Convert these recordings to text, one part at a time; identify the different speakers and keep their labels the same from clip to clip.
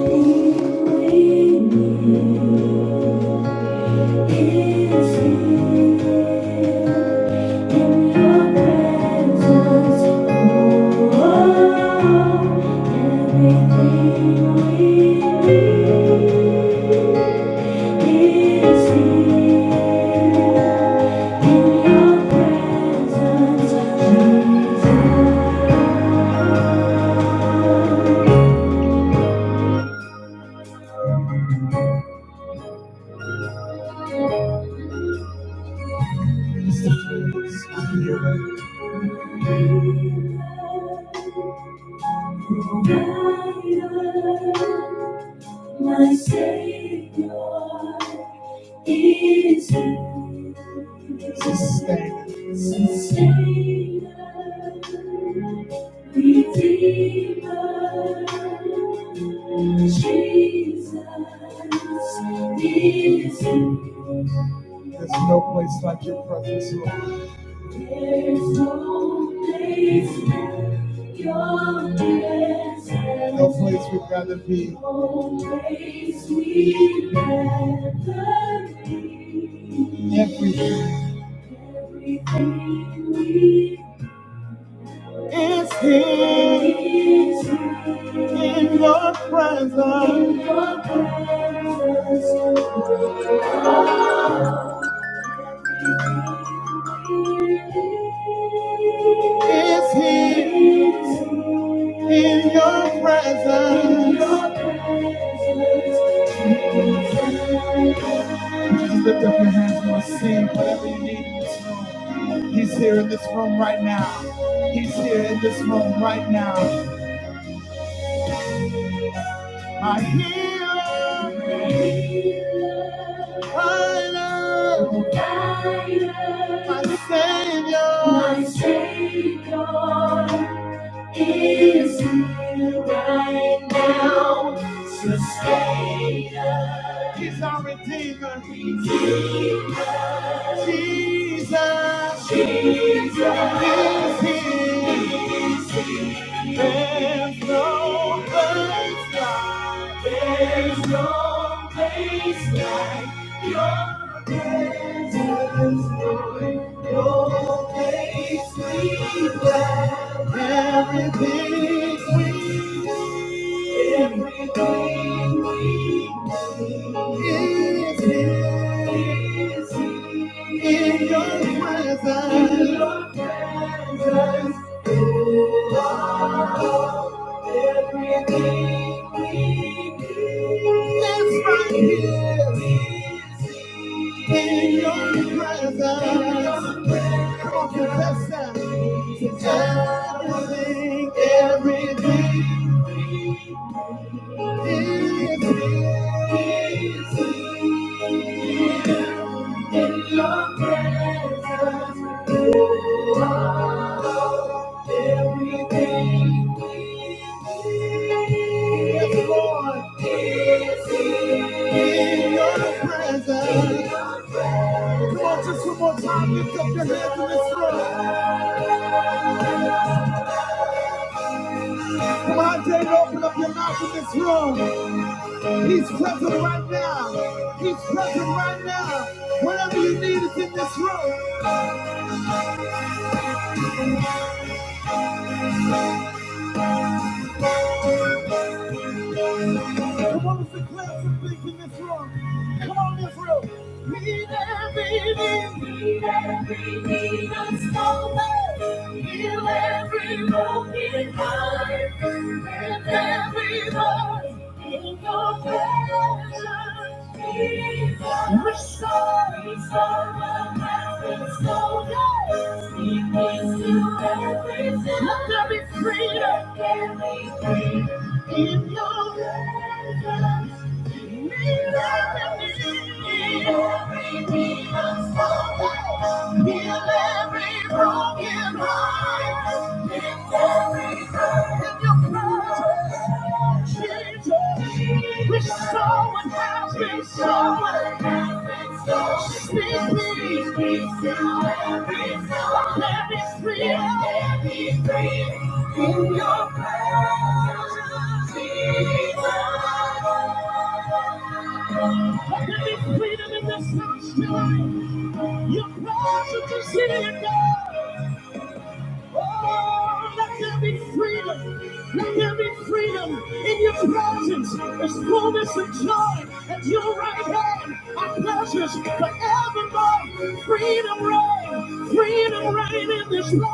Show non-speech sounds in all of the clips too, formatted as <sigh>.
Speaker 1: Thank you. My Savior is you. Sustainer. Sustainer. Redeemer. Jesus is you. There's no place like your presence, Lord. There's no place like your presence. No place we'd rather be. No place we'd rather be. Everything. Everything we is here. in your presence. In your presence. is here in your presence. Just lift up your hands and let's sing whatever you need in this room. He's here in this room right now. He's here in this room right now. My healer, my my savior, my savior. is here right now. Sustainer. He's our Redeemer. Jesus. Jesus. Jesus. Jesus. Is here. There's no place like, there's no place like your presence, Lord. Your place we dwell. Everything we need. everything we need is here. is In your presence. In your presence. Everything we need is right here in your presence. Come on, confess that. Everything, everything is here. Everything is Lord in your presence. Come on, just one more time, lift up your hands in this room. Come on, David, open up your mouth in this room. He's present right now. He's present right now. Whatever you need is in this room. Come on, let's declare some things in this room. Come on, Israel. We Meet every need. Meet every need of soul. Heal every broken heart. Lift every voice in your presence. Jesus. Restore, restore what has been stolen. Speak peace to every sin. Let there be freedom. Let there be freedom in your presence every every every soul, has been so Speak speak, speak, till every soul, every spirit, every breath In your presence, Jesus. Forevermore, Freedom, freedom, reign in this life.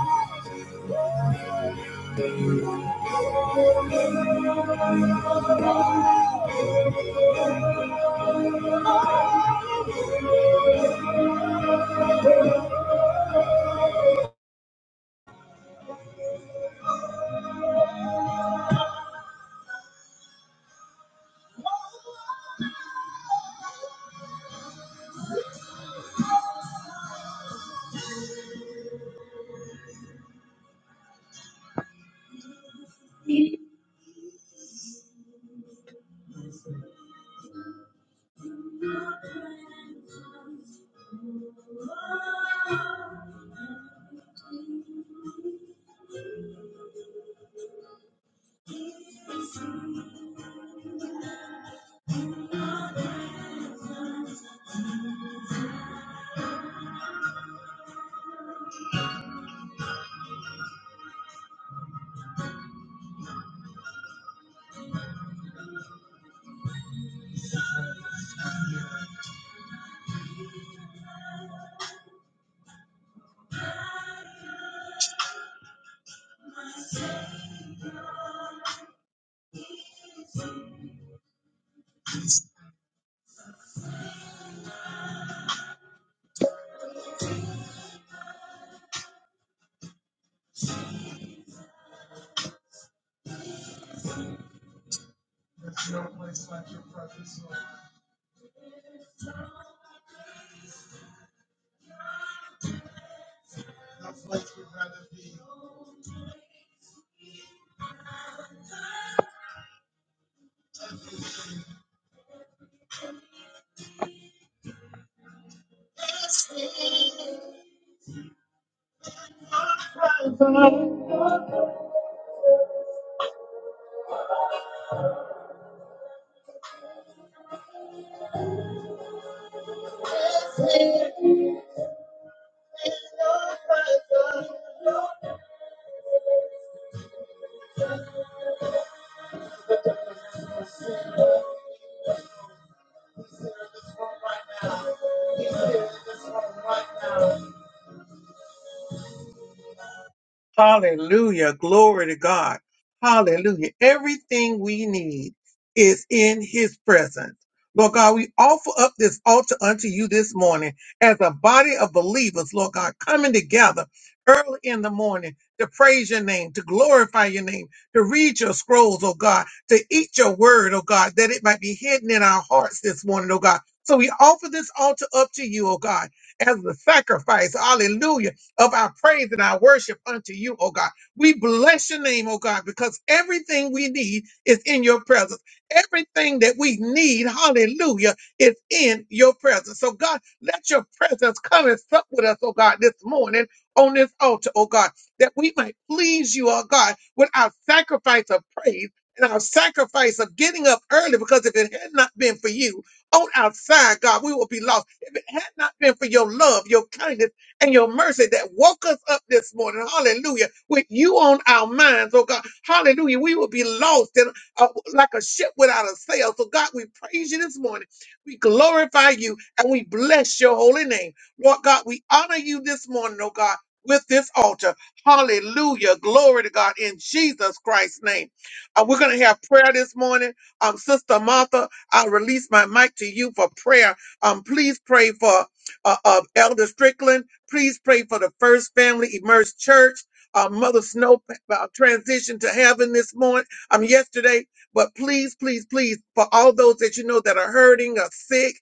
Speaker 1: Hallelujah. Glory to God. Hallelujah. Everything we need is in his presence. Lord God, we offer up this altar unto you this morning as a body of believers, Lord God, coming together early in the morning to praise your name, to glorify your name, to read your scrolls, oh God, to eat your word, oh God, that it might be hidden in our hearts this morning, oh God. So we offer this altar up to you, oh God, as the sacrifice. Hallelujah of our praise and our worship unto you, oh God. We bless your name, oh God, because everything we need is in your presence. Everything that we need, hallelujah, is in your presence. So, God, let your presence come and sup with us, oh God, this morning on this altar, oh God, that we might please you, oh God, with our sacrifice of praise. And our sacrifice of getting up early, because if it had not been for you on our side, God, we would be lost. If it had not been for your love, your kindness, and your mercy that woke us up this morning. Hallelujah. With you on our minds, oh God. Hallelujah. We will be lost in, uh, like a ship without a sail. So, God, we praise you this morning. We glorify you and we bless your holy name. Lord God, we honor you this morning, oh God. With this altar. Hallelujah. Glory to God in Jesus Christ's name. Uh, we're going to have prayer this morning. Um, Sister Martha, I release my mic to you for prayer. Um, please pray for uh, uh, Elder Strickland. Please pray for the First Family Immersed Church, uh, Mother Snow uh, transition to heaven this morning, um, yesterday. But please, please, please, for all those that you know that are hurting or sick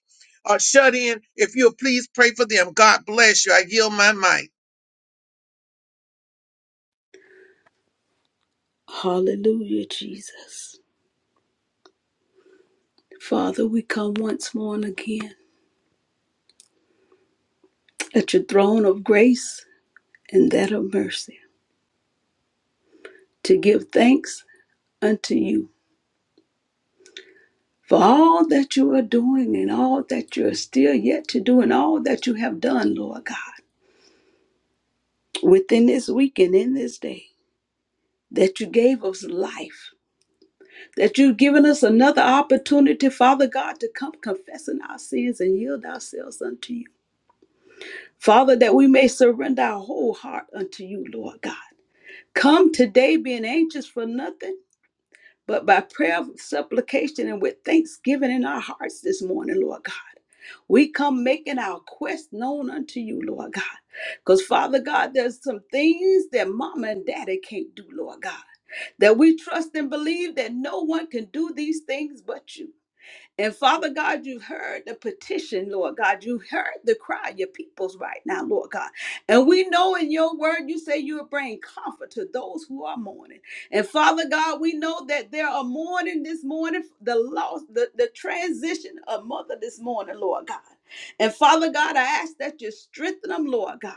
Speaker 1: or shut in, if you'll please pray for them. God bless you. I yield my mic.
Speaker 2: Hallelujah, Jesus. Father, we come once more and again at your throne of grace and that of mercy to give thanks unto you for all that you are doing and all that you are still yet to do and all that you have done, Lord God, within this week and in this day. That you gave us life, that you've given us another opportunity, Father God, to come confessing our sins and yield ourselves unto you. Father, that we may surrender our whole heart unto you, Lord God Come today being anxious for nothing, but by prayer, supplication, and with thanksgiving in our hearts this morning, Lord God. We come making our quest known unto you, Lord God. Because, Father God, there's some things that mama and daddy can't do, Lord God. That we trust and believe that no one can do these things but you. And Father God, you've heard the petition, Lord God. You've heard the cry of your peoples right now, Lord God. And we know in your word you say you will bring comfort to those who are mourning. And Father God, we know that there are mourning this morning, the loss, the, the transition of mother this morning, Lord God. And Father God, I ask that you strengthen them, Lord God.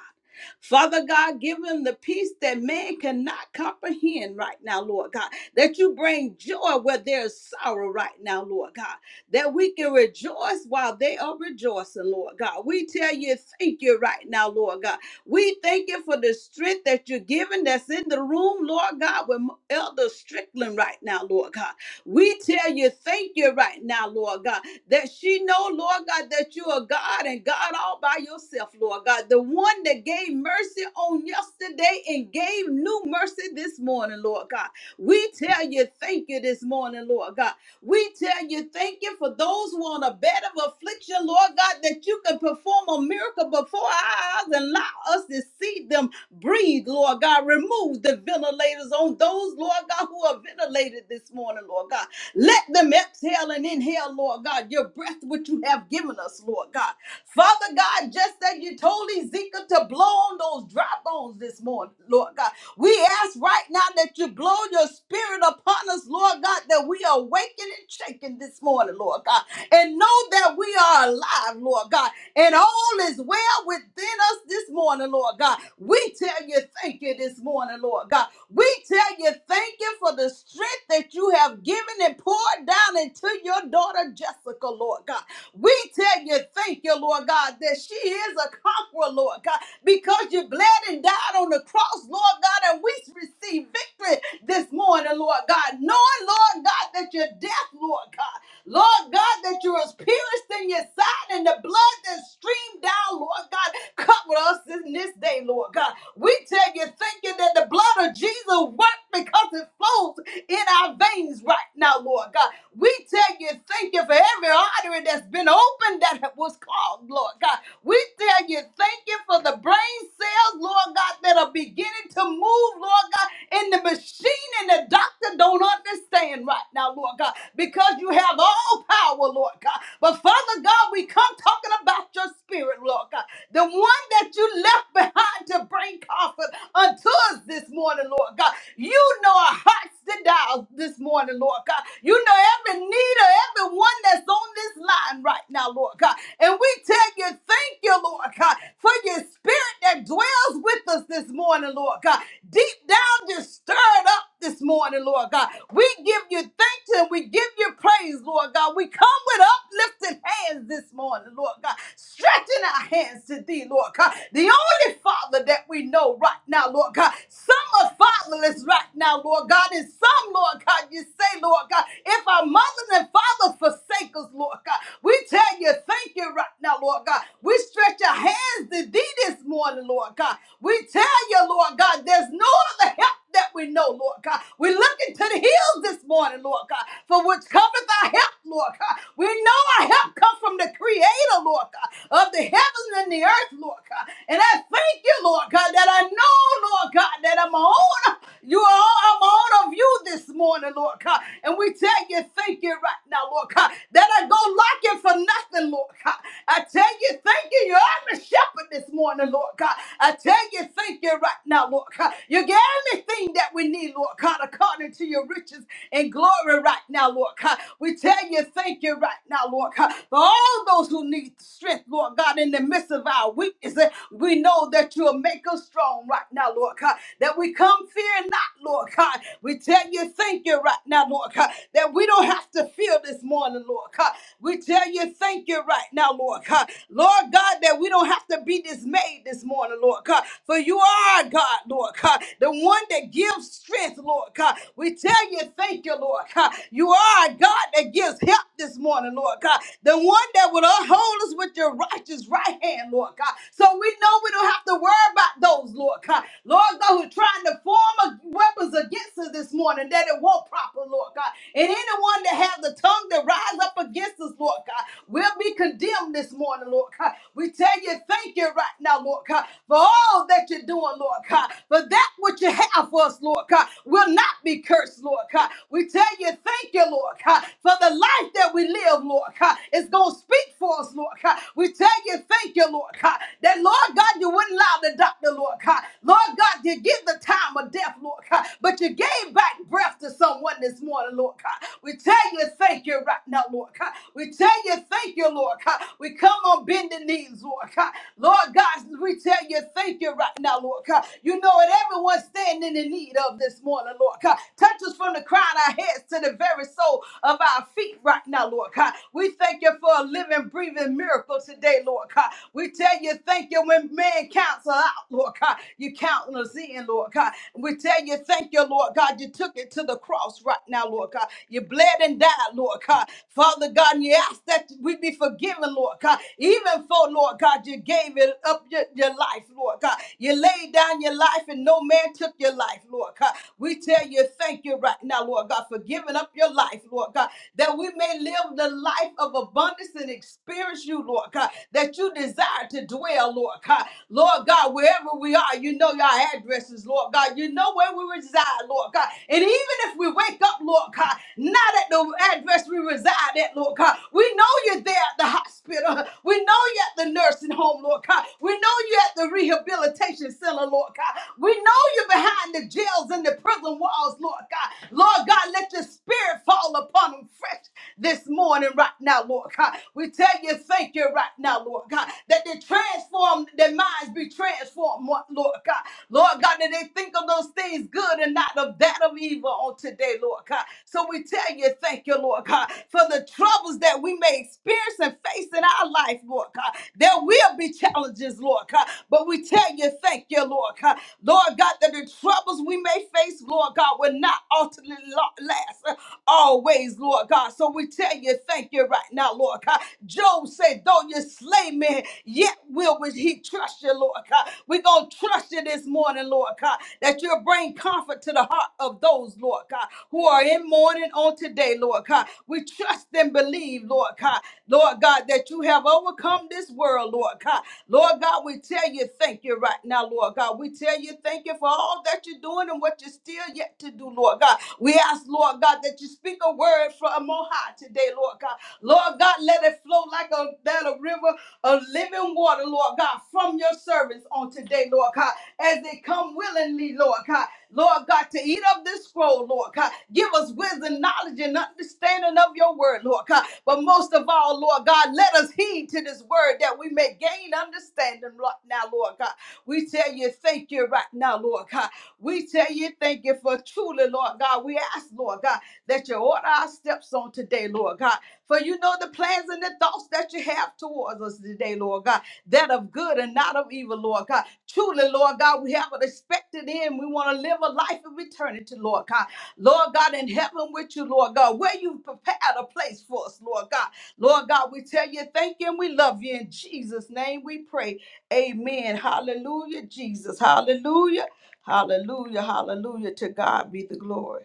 Speaker 2: Father God, give them the peace that man cannot comprehend right now, Lord God. That you bring joy where there's sorrow right now, Lord God that we can rejoice while they are rejoicing, Lord God. We tell you, thank you right now, Lord God. We thank you for the strength that you're giving that's in the room, Lord God, with Elder Strickland right now, Lord God. We tell you, thank you right now, Lord God, that she know, Lord God, that you are God and God all by yourself, Lord God. The one that gave mercy on yesterday and gave new mercy this morning, Lord God. We tell you, thank you this morning, Lord God. We tell you, thank you for those who are on a bed of affliction, Lord God, that you can perform a miracle before our eyes and allow us to see them breathe, Lord God. Remove the ventilators on those, Lord God, who are ventilated this morning, Lord God. Let them exhale and inhale, Lord God, your breath which you have given us, Lord God. Father God, just as you told Ezekiel to blow on those dry bones this morning, Lord God. We ask right now that you blow your spirit upon us, Lord God, that we are waking and shaking this morning, Lord God, and know that we are alive, Lord God, and all is well within us this morning, Lord God. We tell you thank you this morning, Lord God. We tell you thank you for the strength that you have given and poured down into your daughter Jessica, Lord God. We tell you, thank you, Lord God, that she is a conqueror, Lord God, because you bled and died on the cross, Lord God, and we receive victory this morning, Lord God, knowing, Lord God, that you're death, Lord God. Lord God, that you're as pierced in your side and the blood that streamed down, Lord God, cover us in this day, Lord God. We tell you, thank you that the blood of Jesus worked because it flows in our veins right now, Lord God. We tell you, thank you for every artery that's been opened that was called, Lord God. We tell you, thank you for the brain cells, Lord God, that are beginning to move, Lord God, and the machine and the doctor don't understand right now, Lord God, because you have all power, Lord God. But Father God, we come talking about your spirit, Lord God, the one that you left behind to bring comfort unto us this morning, Lord God. You know our hearts today dials this morning, Lord God. You know every need of everyone that's on this line right now, Lord God. And we tell you, thank you, Lord God, for your spirit that dwells with us this morning, Lord God. Deep down, just stirred up this morning, Lord God. We give you thanks and we give you praise, Lord God. We come with uplifted hands this morning, Lord God. Stretching our hands to thee, Lord God. The only Father that we know right now, Lord God. Some are fatherless right now, Lord God, and some come, Lord God. You say, Lord God, if our mothers and fathers forsake us, Lord God, we tell you thank you right now, Lord God. We stretch our hands to thee this morning, Lord God. We tell you, Lord God, there's no other help that we know, Lord God. we look into the hills this morning, Lord God, for which cometh our help, Lord God. We know our help comes from the Creator, Lord God, of the heavens and the earth, Lord God. And I thank you, Lord God, that I know, Lord God, that I'm on. You are I'm on of you this this morning, Lord God. And we tell you, thank you right now, Lord God, that I don't like you for nothing, Lord God. I tell you, thank you. You're the shepherd this morning, Lord God. I tell you, thank you right now, Lord God. You get anything that we need, Lord God, according to your riches and glory right now, Lord God. We tell you, thank you right now, Lord God. For all those who need strength, Lord God, in the midst of our weakness, eh, we know that you'll make us strong right now, Lord God. That we come fear not, Lord God. We tell you thank you right now, Lord God. That we don't have to fear this morning, Lord God. We tell you thank you right now, Lord God. Lord God, that we don't have to be dismayed this morning, Lord God. For you are God, Lord God. The one that gives strength, Lord God. We tell you, thank you, Lord God. You are a God that gives help this morning, Lord God. The one that will uphold us with your righteous right hand, Lord God. So we know we don't have to worry about those, Lord God. Lord God, who's trying to form us weapons against us this morning that it won't prosper, Lord God. And anyone that has the tongue that rise up against us, Lord God, will be condemned this morning, Lord God. We tell you thank you right now, Lord God, for all that you're doing, Lord God. For that which you have for us, Lord God, will not be cursed, Lord God. We tell you thank you, Lord God, for the life that we live, Lord God, is going to speak for us, Lord God. We tell you thank you, Lord God, that, Lord God, you wouldn't allow the doctor, Lord God. Lord God, you give the time of death, Lord God, but you gave back breath to someone this morning, Lord God. We tell you thank you right now, Lord God. We tell you thank you, Lord God. We come on bending knees, Lord God. Lord God, we tell you thank you right now, Lord God. You know what everyone's standing in need of this morning, Lord God. Touch us from the crown of our heads to the very soul of our feet right now, Lord God. We thank you for a living, breathing miracle miracle today, Lord God. We tell you thank you when man counts us out, Lord God. You counting us in, Lord God. We tell you thank you, Lord God. You took it to the cross right now, Lord God. You bled and died, Lord God. Father God, and you ask that we be forgiven, Lord God. Even for, Lord God, you gave it up your, your life, Lord God. You laid down your life and no man took your life, Lord God. We tell you thank you right now, Lord God, for giving up your life, Lord God that we may live the life of abundance and experience you, Lord God, that you desire to dwell, Lord God. Lord God, wherever we are, you know your addresses, Lord God. You know where we reside, Lord God. And even if we wake up, Lord God, not at the address we reside at, Lord God, we know you're there at the hospital. We know you're at the nursing home, Lord God. We know you're at the rehabilitation center, Lord God. We know you're behind the jails and the prison walls, Lord God. Lord God, let your spirit fall upon them fresh this morning, right now, Lord God. We tell you, thank you right now, Lord God, that they transform, their minds be transformed, Lord God. Lord God, that they think of those things good and not of that of evil on today, Lord God. So we tell you, thank you, Lord God, for the troubles that we may experience and face in our life, Lord God. There will be challenges, Lord God, but we tell you, thank thank you, Lord God. Lord God, that the troubles we may face, Lord God, will not ultimately lo- last uh, always, Lord God. So we tell you, thank you right now, Lord God. Job said, though you slay me, yet will we- he trust you, Lord God. We're going to trust you this morning, Lord God, that you'll bring comfort to the heart of those, Lord God, who are in mourning on today, Lord God. We trust and believe, Lord God, Lord God, that you have overcome in this world, Lord God. Lord God, we tell you thank you right now, Lord God. We tell you thank you for all that you're doing and what you're still yet to do, Lord God. We ask, Lord God, that you speak a word from on high today, Lord God. Lord God, let it flow like a, that a river of living water, Lord God, from your servants on today, Lord God, as they come willingly, Lord God. Lord God, to eat of this scroll, Lord God. Give us wisdom, knowledge, and understanding of your word word, Lord God. But most of all, Lord God, let us heed to this word that we may gain understanding right now, Lord God. We tell you thank you right now, Lord God. We tell you thank you for truly, Lord God. We ask, Lord God, that you order our steps on today, Lord God. For you know the plans and the thoughts that you have towards us today, Lord God, that of good and not of evil, Lord God. Truly, Lord God, we have an expected end. We want to live a life of eternity, Lord God. Lord God, in heaven with you, Lord God, where you prepared a place for us, Lord God. Lord God, we tell you thank you and we love you. In Jesus' name we pray. Amen. Hallelujah, Jesus. Hallelujah. Hallelujah. Hallelujah. To God be the glory.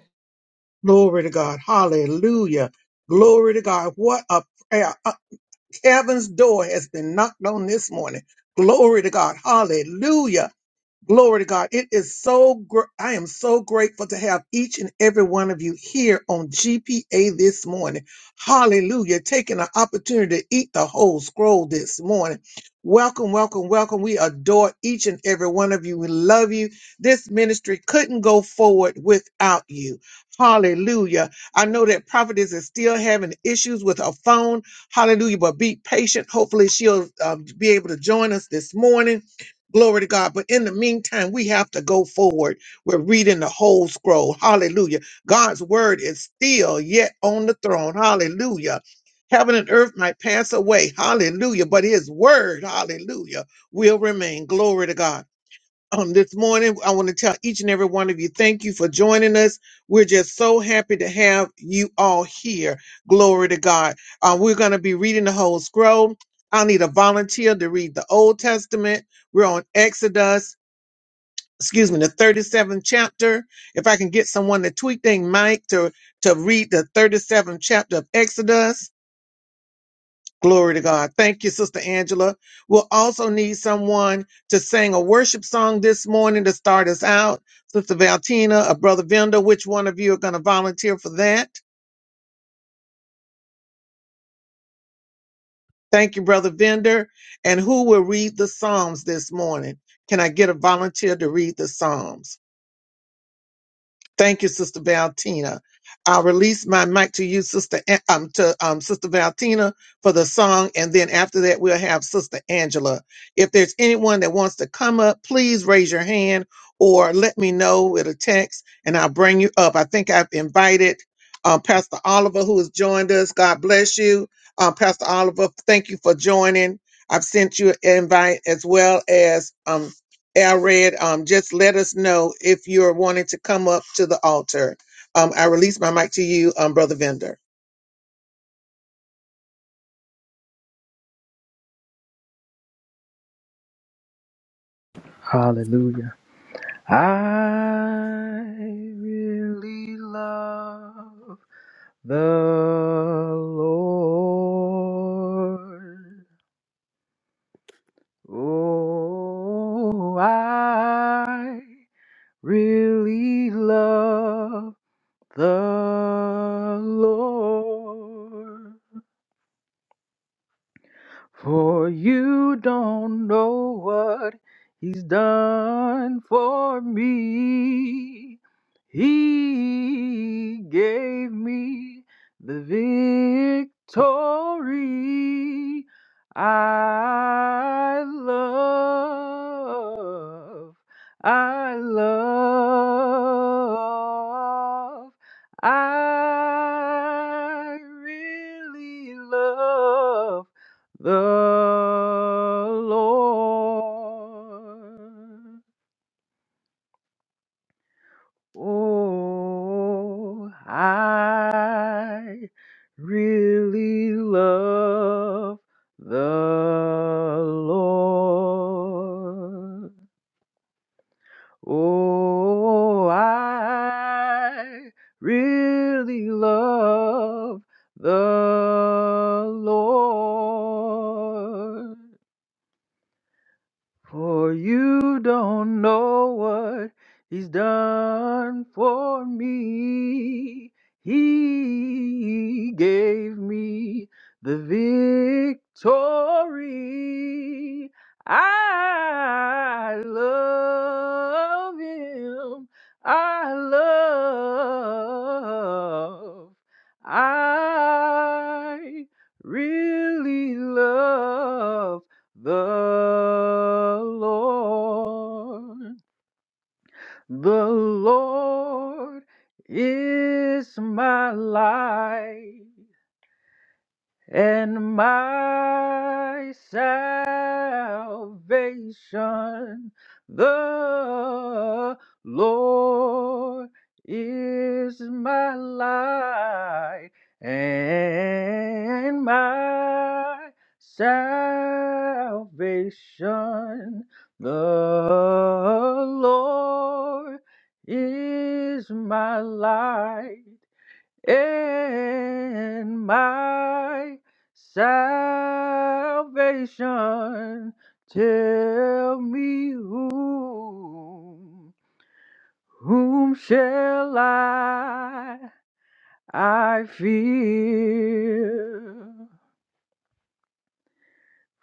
Speaker 1: Glory to God. Hallelujah. Glory to God. What a prayer. Uh, Kevin's door has been knocked on this morning. Glory to God. Hallelujah. Glory to God. It is so gr- I am so grateful to have each and every one of you here on GPA this morning. Hallelujah. Taking an opportunity to eat the whole scroll this morning. Welcome, welcome, welcome. We adore each and every one of you. We love you. This ministry couldn't go forward without you. Hallelujah. I know that prophetess is still having issues with her phone. Hallelujah. But be patient. Hopefully she'll um, be able to join us this morning. Glory to God. But in the meantime, we have to go forward. We're reading the whole scroll. Hallelujah. God's word is still yet on the throne. Hallelujah. Heaven and earth might pass away. Hallelujah. But his word, hallelujah, will remain. Glory to God um, this morning. I want to tell each and every one of you, thank you for joining us. We're just so happy to have you all here. Glory to God. Uh, we're going to be reading the whole scroll. I need a volunteer to read the Old Testament. We're on Exodus, excuse me, the 37th chapter. If I can get someone to tweak thing, Mike, to, to read the 37th chapter of Exodus. Glory to God. Thank you, Sister Angela. We'll also need someone to sing a worship song this morning to start us out. Sister Valtina, a brother Vender, which one of you are going to volunteer for that? Thank you, brother Vender. And who will read the Psalms this morning? Can I get a volunteer to read the Psalms? Thank you, Sister Valentina. I'll release my mic to you, Sister An- um, to um, Sister Valentina for the song, and then after that we'll have Sister Angela. If there's anyone that wants to come up, please raise your hand or let me know with a text, and I'll bring you up. I think I've invited um, Pastor Oliver, who has joined us. God bless you, um, Pastor Oliver. Thank you for joining. I've sent you an invite as well as um, Alred, um, just let us know if you're wanting to come up to the altar. Um, I release my mic to you, um, Brother Vender.
Speaker 3: Hallelujah. I really love the Lord. Oh, I really love the Lord. For you don't know what He's done for me. He gave me the victory I love. I love. I really love the Lord. Oh, I really love the Lord. Oh, I really love the Lord. For you don't know what he's done for me. He gave me the victory. I love him. I love. I really love. The Lord, the Lord is my light and my salvation. The Lord is my light and my salvation. The Lord is my light in my salvation. Tell me whom, whom shall I, I fear?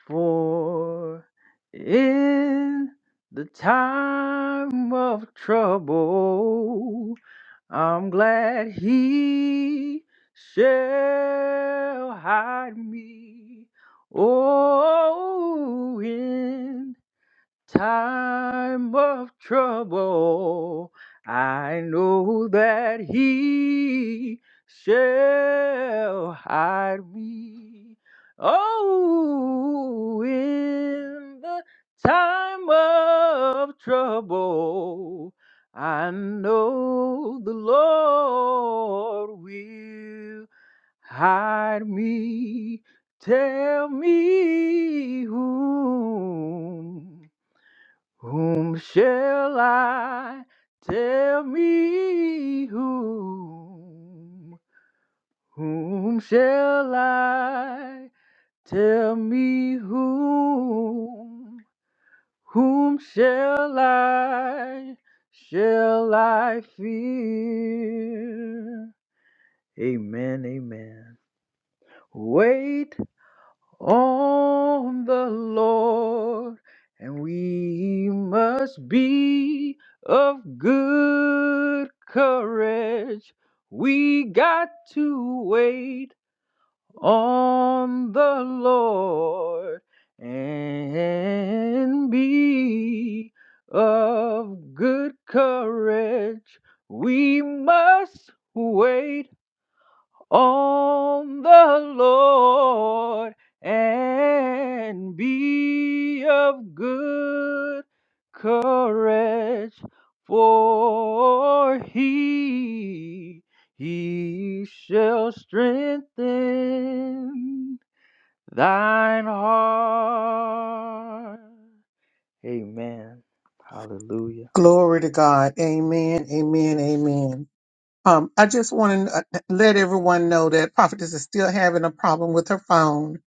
Speaker 3: For in the time of trouble, I'm glad he shall hide me. Oh, in time of trouble, I know that He shall hide me. Oh, in the time of trouble, I know the Lord will hide me. Tell me whom whom shall I tell me whom? Whom shall I tell me whom? Whom shall I, shall I fear? Amen, amen. Wait on the Lord, and we must be of good courage. We got to wait on the Lord and be of good courage. We must wait on the Lord and be of good courage, for he, he shall strengthen thine heart. Amen. Hallelujah.
Speaker 1: Glory to God. Amen. Amen. Amen. Um, I just want to let everyone know that Prophetess is still having a problem with her phone,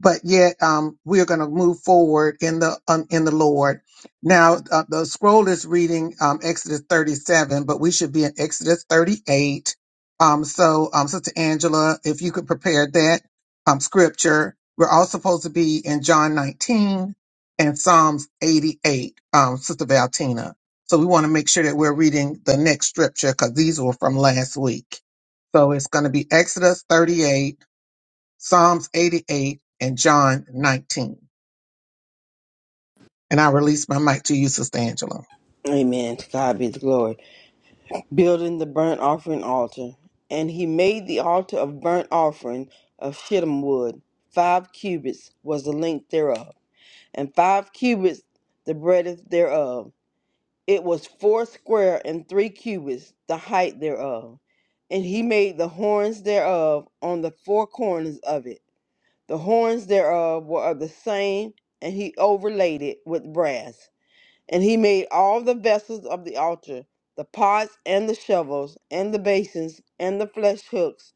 Speaker 1: but yet um, we're going to move forward in the um, in the Lord. Now uh, the scroll is reading um, Exodus 37, but we should be in Exodus 38. Um, so, um, Sister Angela, if you could prepare that um, scripture, we're all supposed to be in John 19 and Psalms 88. Um, Sister Valtina. So we want to make sure that we're reading the next scripture because these were from last week. So it's going to be Exodus 38, Psalms 88, and John 19. And I release my mic to you, Sister Angela.
Speaker 4: Amen. To God be the glory. Building the burnt offering altar. And he made the altar of burnt offering of shittim wood. Five cubits was the length thereof, and five cubits the breadth thereof. It was four square and three cubits the height thereof. And he made the horns thereof on the four corners of it. The horns thereof were of the same, and he overlaid it with brass. And he made all the vessels of the altar, the pots and the shovels, and the basins, and the flesh hooks,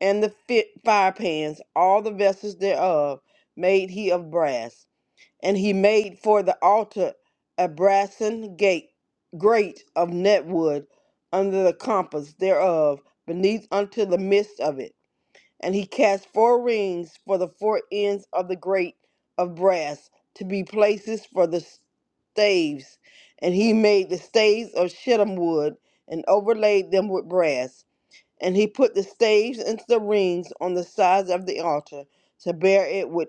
Speaker 4: and the fit fire pans, all the vessels thereof, made he of brass. And he made for the altar a brassen gate, grate of netwood, under the compass thereof, beneath unto the midst of it. And he cast four rings for the four ends of the grate of brass to be places for the staves. And he made the staves of shittim wood and overlaid them with brass. And he put the staves into the rings on the sides of the altar to bear it with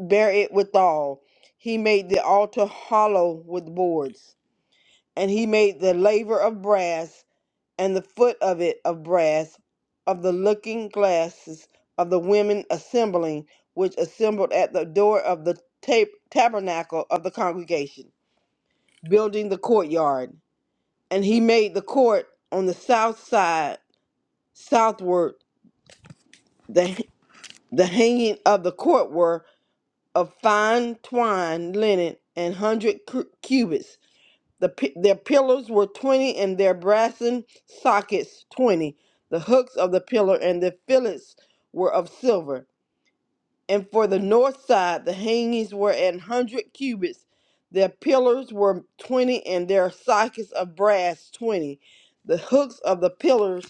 Speaker 4: bear it withal. He made the altar hollow with boards. And he made the laver of brass and the foot of it of brass, of the looking glasses of the women assembling, which assembled at the door of the tab- tabernacle of the congregation, building the courtyard. And he made the court on the south side, southward. The, the hanging of the court were of fine twined linen and hundred cu- cubits, The, pi- their pillars were 20 and their brassen sockets 20. The hooks of the pillar and the fillets were of silver. And for the north side, the hangings were an 100 cubits. Their pillars were 20 and their sockets of brass 20. The hooks of the pillars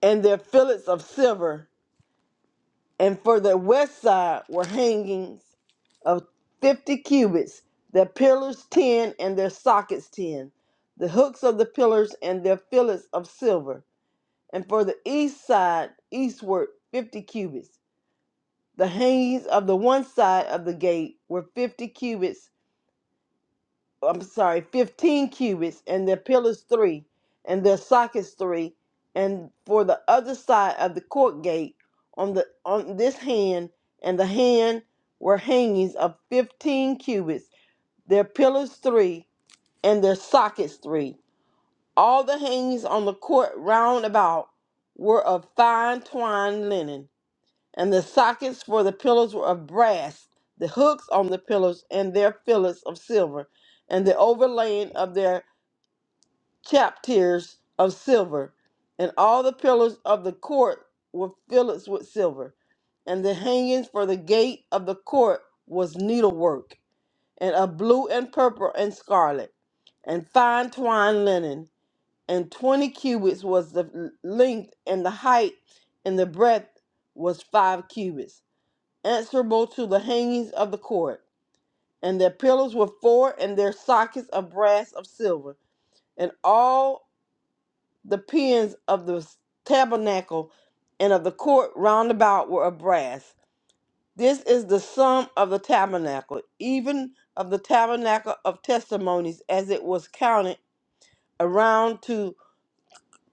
Speaker 4: and their fillets of silver. and for the west side were hangings of fifty cubits, their pillars ten and their sockets ten, the hooks of the pillars and their fillets of silver, and for the east side eastward fifty cubits. The hangings of the one side of the gate were fifty cubits I'm sorry, 15 cubits, and their pillars three, and their sockets three, and for the other side of the court gate on the on this hand and the hand were hangings of 15 cubits, their pillars three, and their sockets three. All the hangings on the court round about were of fine twined linen and the sockets for the pillars were of brass, the hooks on the pillars and their fillets of silver, and the overlaying of their chapters of silver, and all the pillars of the court were fillets with silver, and the hangings for the gate of the court was needlework, and of blue and purple and scarlet, and fine twined linen, and twenty cubits was the length and the height, and the breadth was five cubits answerable to the hangings of the cord. And their pillars were four, and their sockets of brass of silver. And all the pins of the tabernacle and of the court round about were of brass. This is the sum of the tabernacle, even of the tabernacle of testimonies, as it was counted around to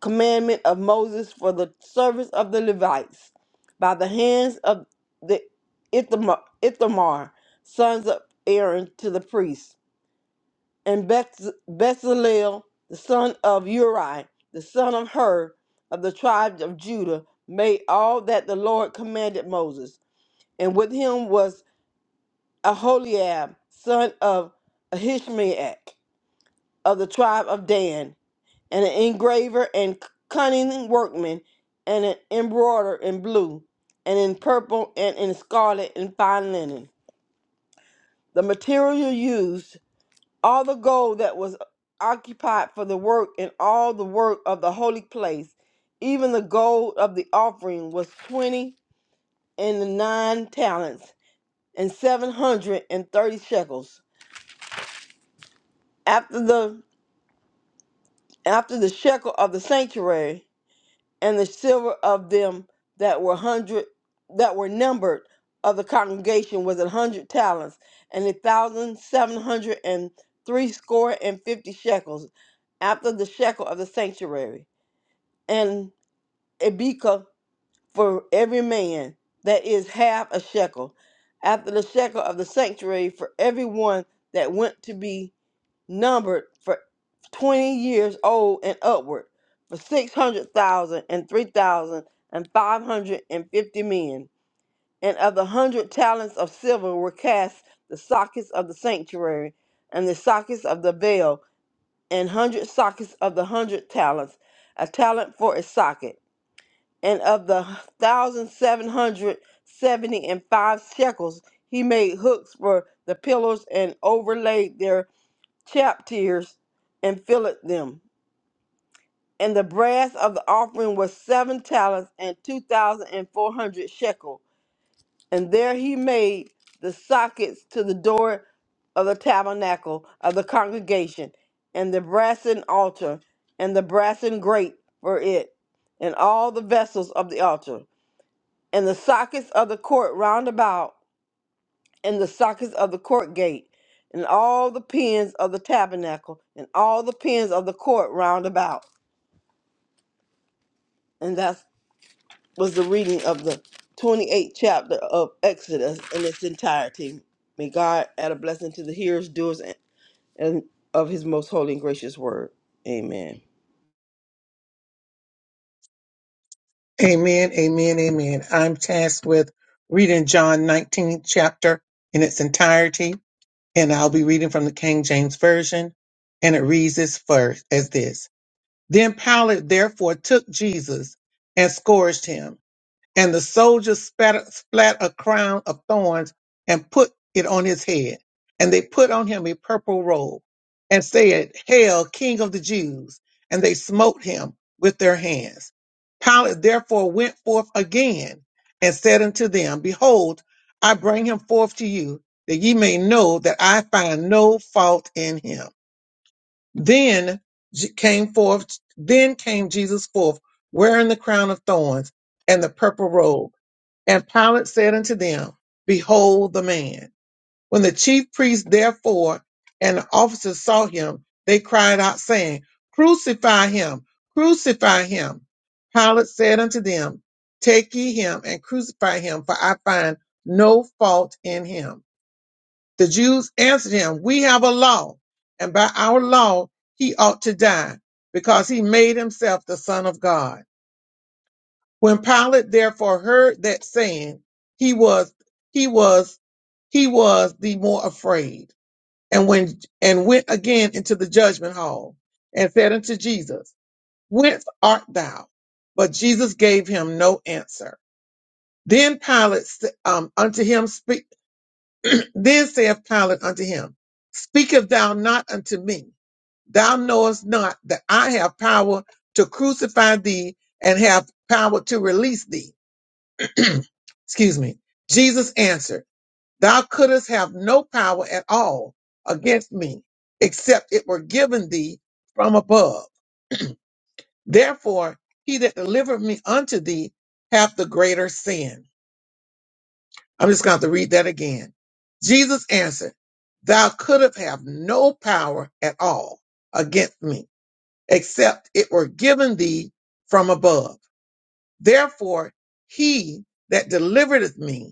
Speaker 4: commandment of Moses for the service of the Levites by the hands of the Ithamar, Ithamar sons of Aaron, to the priests, and Beth- Bezalel, the son of Uri, the son of Hur, of the tribe of Judah, made all that the Lord commanded Moses. And with him was Aholiab, son of Ahishmaach, of the tribe of Dan, and an engraver and cunning workman, and an embroiderer in blue, and in purple, and in scarlet, and fine linen. The material used, all the gold that was occupied for the work, and all the work of the holy place, even the gold of the offering was twenty and the nine talents, and seven hundred and thirty shekels. After the after the shekel of the sanctuary and the silver of them that were hundred that were numbered of the congregation was an hundred talents, and a thousand seven hundred and three score and fifty shekels, after the shekel of the sanctuary, and a beka for every man that is half a shekel, after the shekel of the sanctuary for every one that went to be numbered for 20 years old and upward for 600,000 and 3,000 and 550 men. And of the hundred talents of silver were cast the sockets of the sanctuary and the sockets of the veil and hundred sockets of the hundred talents, a talent for a socket. And of the thousand seven hundred seventy and five shekels, he made hooks for the pillars and overlaid their chap tears and filled them. And the brass of the offering was seven talents and two thousand and four hundred shekel. And there he made the sockets to the door of the tabernacle of the congregation, and the brassen altar, and the brassen grate for it, and all the vessels of the altar, and the sockets of the court round about. and the sockets of the court gate, and all the pins of the tabernacle, and all the pins of the court round about. And that was the reading of the 28th chapter of Exodus in its entirety. May God add a blessing to the hearers, doers, and and of his most holy and gracious word. Amen.
Speaker 1: Amen, amen, amen. I'm tasked with reading John 19 chapter in its entirety, and I'll be reading from the King James Version. And it reads this first as this. Then Pilate therefore took Jesus and scourged him. And the soldiers spat, splat a crown of thorns and put it on his head. And they put on him a purple robe and said, Hail, King of the Jews! And they smote him with their hands. Pilate therefore went forth again and said unto them, Behold, I bring him forth to you, that ye may know that I find no fault in him. Then Je- came forth, then came Jesus forth, wearing the crown of thorns and the purple robe and Pilate said unto them, Behold the man. When the chief priests therefore and the officers saw him, they cried out, saying, Crucify him, crucify him. Pilate said unto them, Take ye him and crucify him, for I find no fault in him. The Jews answered him, We have a law, and by our law he ought to die, because he made himself the Son of God. When Pilate therefore heard that saying, he was he was he was the more afraid, and when and went again into the judgment hall, and said unto Jesus, Whence art thou? But Jesus gave him no answer. Then Pilate s- um, unto him speak. <clears throat> Then saith Pilate unto him, Speakest thou not unto me? Thou knowest not that I have power to crucify thee, and have power to release thee. <clears throat> Excuse me. Jesus answered, Thou couldst have no power at all against me, except it were given thee from above. Therefore, he that delivered me unto thee hath the greater sin. I'm just going to read that again. Jesus answered, Thou couldst have no power at all against me, except it were given thee from above. Therefore, he that delivereth me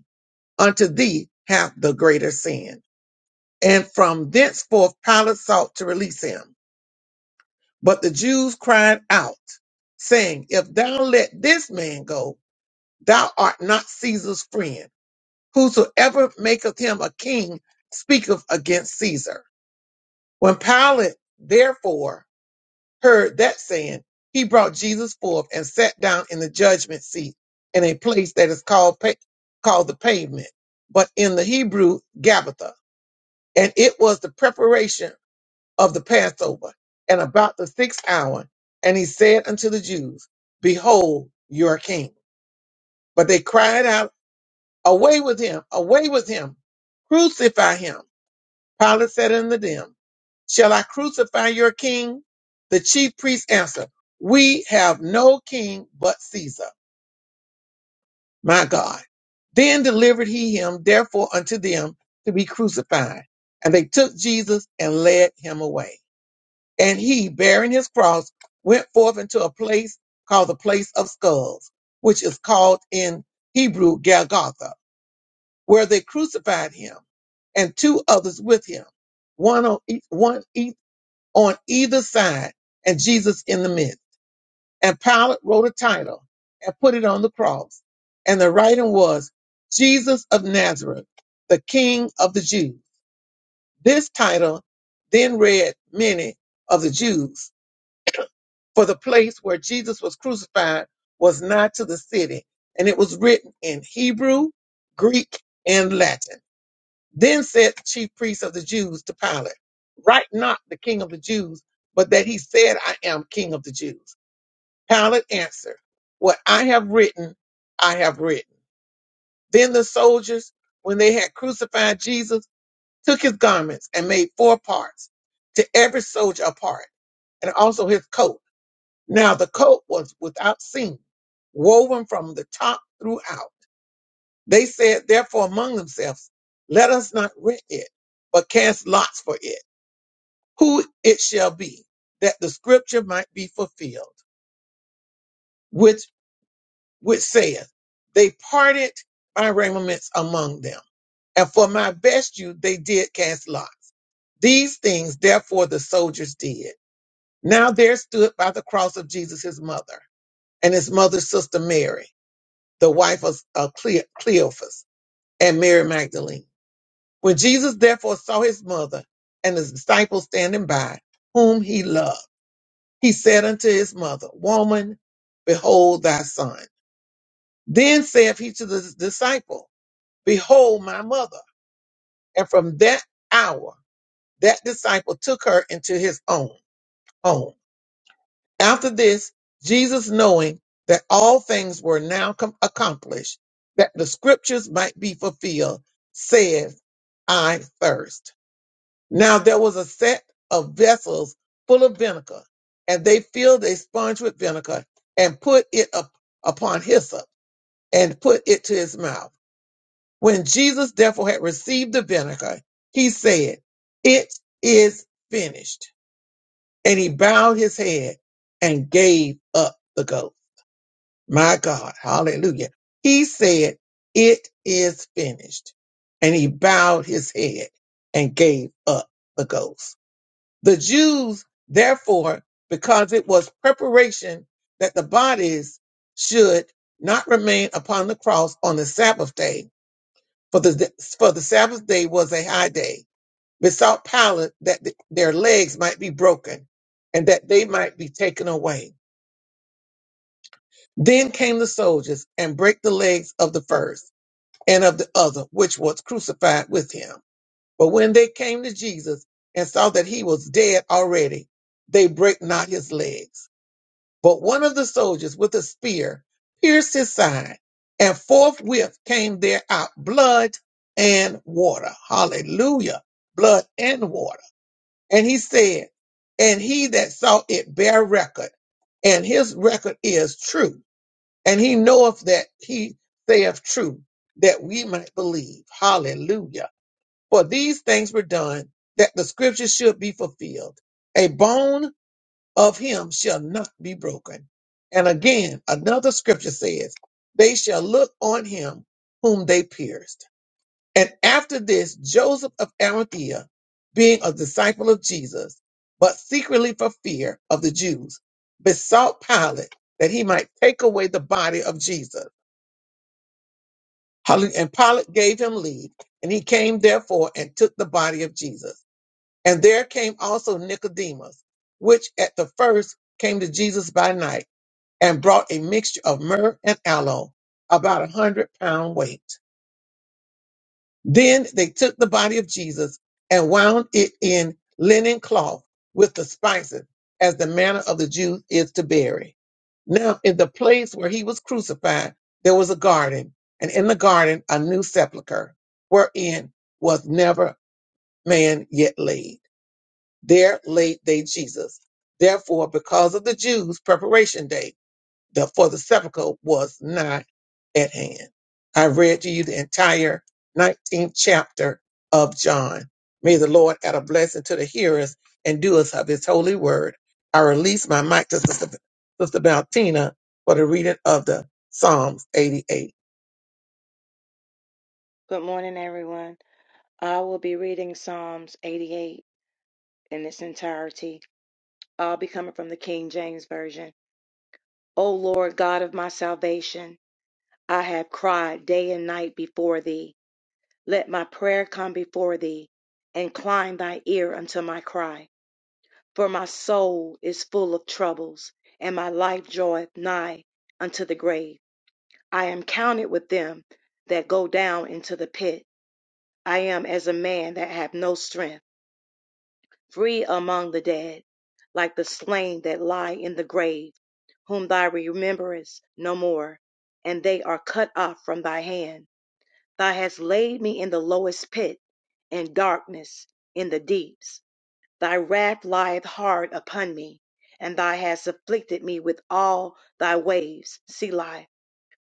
Speaker 1: unto thee hath the greater sin. And from thenceforth Pilate sought to release him. But the Jews cried out, saying, If thou let this man go, thou art not Caesar's friend. Whosoever maketh him a king speaketh against Caesar. When Pilate therefore heard that saying, he brought Jesus forth and sat down in the judgment seat in a place that is called, pa- called the pavement, but in the Hebrew, Gabbatha and it was the preparation of the Passover, and about the sixth hour. And he said unto the Jews, Behold your king. But they cried out, Away with him, away with him, crucify him. Pilate said unto them, Shall I crucify your king? The chief priests answered, We have no king but Caesar, my God. Then delivered he him therefore unto them to be crucified. And they took Jesus and led him away. And he, bearing his cross, went forth into a place called the place of skulls, which is called in Hebrew Golgotha, where they crucified him and two others with him, one on each, one each, on either side, and Jesus in the midst. And Pilate wrote a title and put it on the cross. And the writing was Jesus of Nazareth, the King of the Jews. This title then read many of the Jews For the place where Jesus was crucified was nigh to the city, and it was written in Hebrew, Greek, and Latin. Then said the chief priests of the Jews to Pilate, Write not the king of the Jews, but that he said, I am king of the Jews. Pilate answered, What I have written, I have written. Then the soldiers, when they had crucified Jesus, took his garments and made four parts, to every soldier a part, and also his coat now the coat was without seam, woven from the top throughout. They said therefore among themselves, let us not rent it, but cast lots for it, who it shall be, that the scripture might be fulfilled, which, which saith, they parted my raiments among them. And for my vesture they did cast lots. These things therefore the soldiers did. Now there stood by the cross of Jesus his mother and his mother's sister Mary the wife of uh, Cle- Cleophas and Mary Magdalene. When Jesus therefore saw his mother and his disciples standing by, whom he loved, he said unto his mother, Woman, behold thy son. Then saith he to the disciple, Behold my mother. And from that hour, that disciple took her into his own home. After this, Jesus, knowing that all things were now com- accomplished, that the scriptures might be fulfilled, said, I thirst. Now there was a set of vessels full of vinegar, and they filled a sponge with vinegar and put it up upon hyssop and put it to his mouth. When Jesus therefore had received the vinegar, he said, It is finished. And he bowed his head and gave up the ghost. My God, hallelujah. He said, It is finished. And he bowed his head and gave up the ghost. The Jews, therefore, because it was preparation that the bodies should not remain upon the cross on the Sabbath day, for the, for the Sabbath day was a high day, besought Pilate that th- their legs might be broken and that they might be taken away. Then came the soldiers and brake the legs of the first and of the other, which was crucified with him. But when they came to Jesus and saw that he was dead already, they brake not his legs. But one of the soldiers with a spear pierced his side, and forthwith came there out blood and water. Hallelujah. Blood and water. And he said, and he that saw it bare record, and his record is true and he knoweth that he saith true, that we might believe. Hallelujah. For these things were done, that the scripture should be fulfilled. A bone of him shall not be broken. And again, another scripture says, They shall look on him whom they pierced. And after this, Joseph of Arimathea, being a disciple of Jesus, but secretly for fear of the Jews, besought Pilate that he might take away the body of Jesus. Hallelujah. And Pilate gave him leave, and he came therefore and took the body of Jesus. And there came also Nicodemus, which at the first came to Jesus by night, and brought a mixture of myrrh and aloe, about a hundred pound weight. Then they took the body of Jesus and wound it in linen cloth with the spices, as the manner of the Jews is to bury. Now, in the place where he was crucified, there was a garden, and in the garden a new sepulchre, wherein was never man yet laid. There laid they Jesus. Therefore, because of the Jews' preparation day, the for the sepulchre was not at hand. I read to you the entire 19th chapter of John. May the Lord add a blessing to the hearers and doers of his holy word. I release my mic to Sister, Sister Valentina for the reading of the Psalms 88.
Speaker 5: Good morning, everyone. I will be reading Psalms 88 in its entirety. I'll be coming from the King James Version. O Lord God of my salvation, I have cried day and night before thee. Let my prayer come before thee. Incline thy ear unto my cry. For my soul is full of troubles, and my life draweth nigh unto the grave. I am counted with them that go down into the pit. I am as a man that have no strength. free among the dead, like the slain that lie in the grave, whom thou rememberest no more, and they are cut off from thy hand. Thou hast laid me in the lowest pit, in darkness, in the deeps. Thy wrath lieth hard upon me, and thou hast afflicted me with all thy waves. Selah,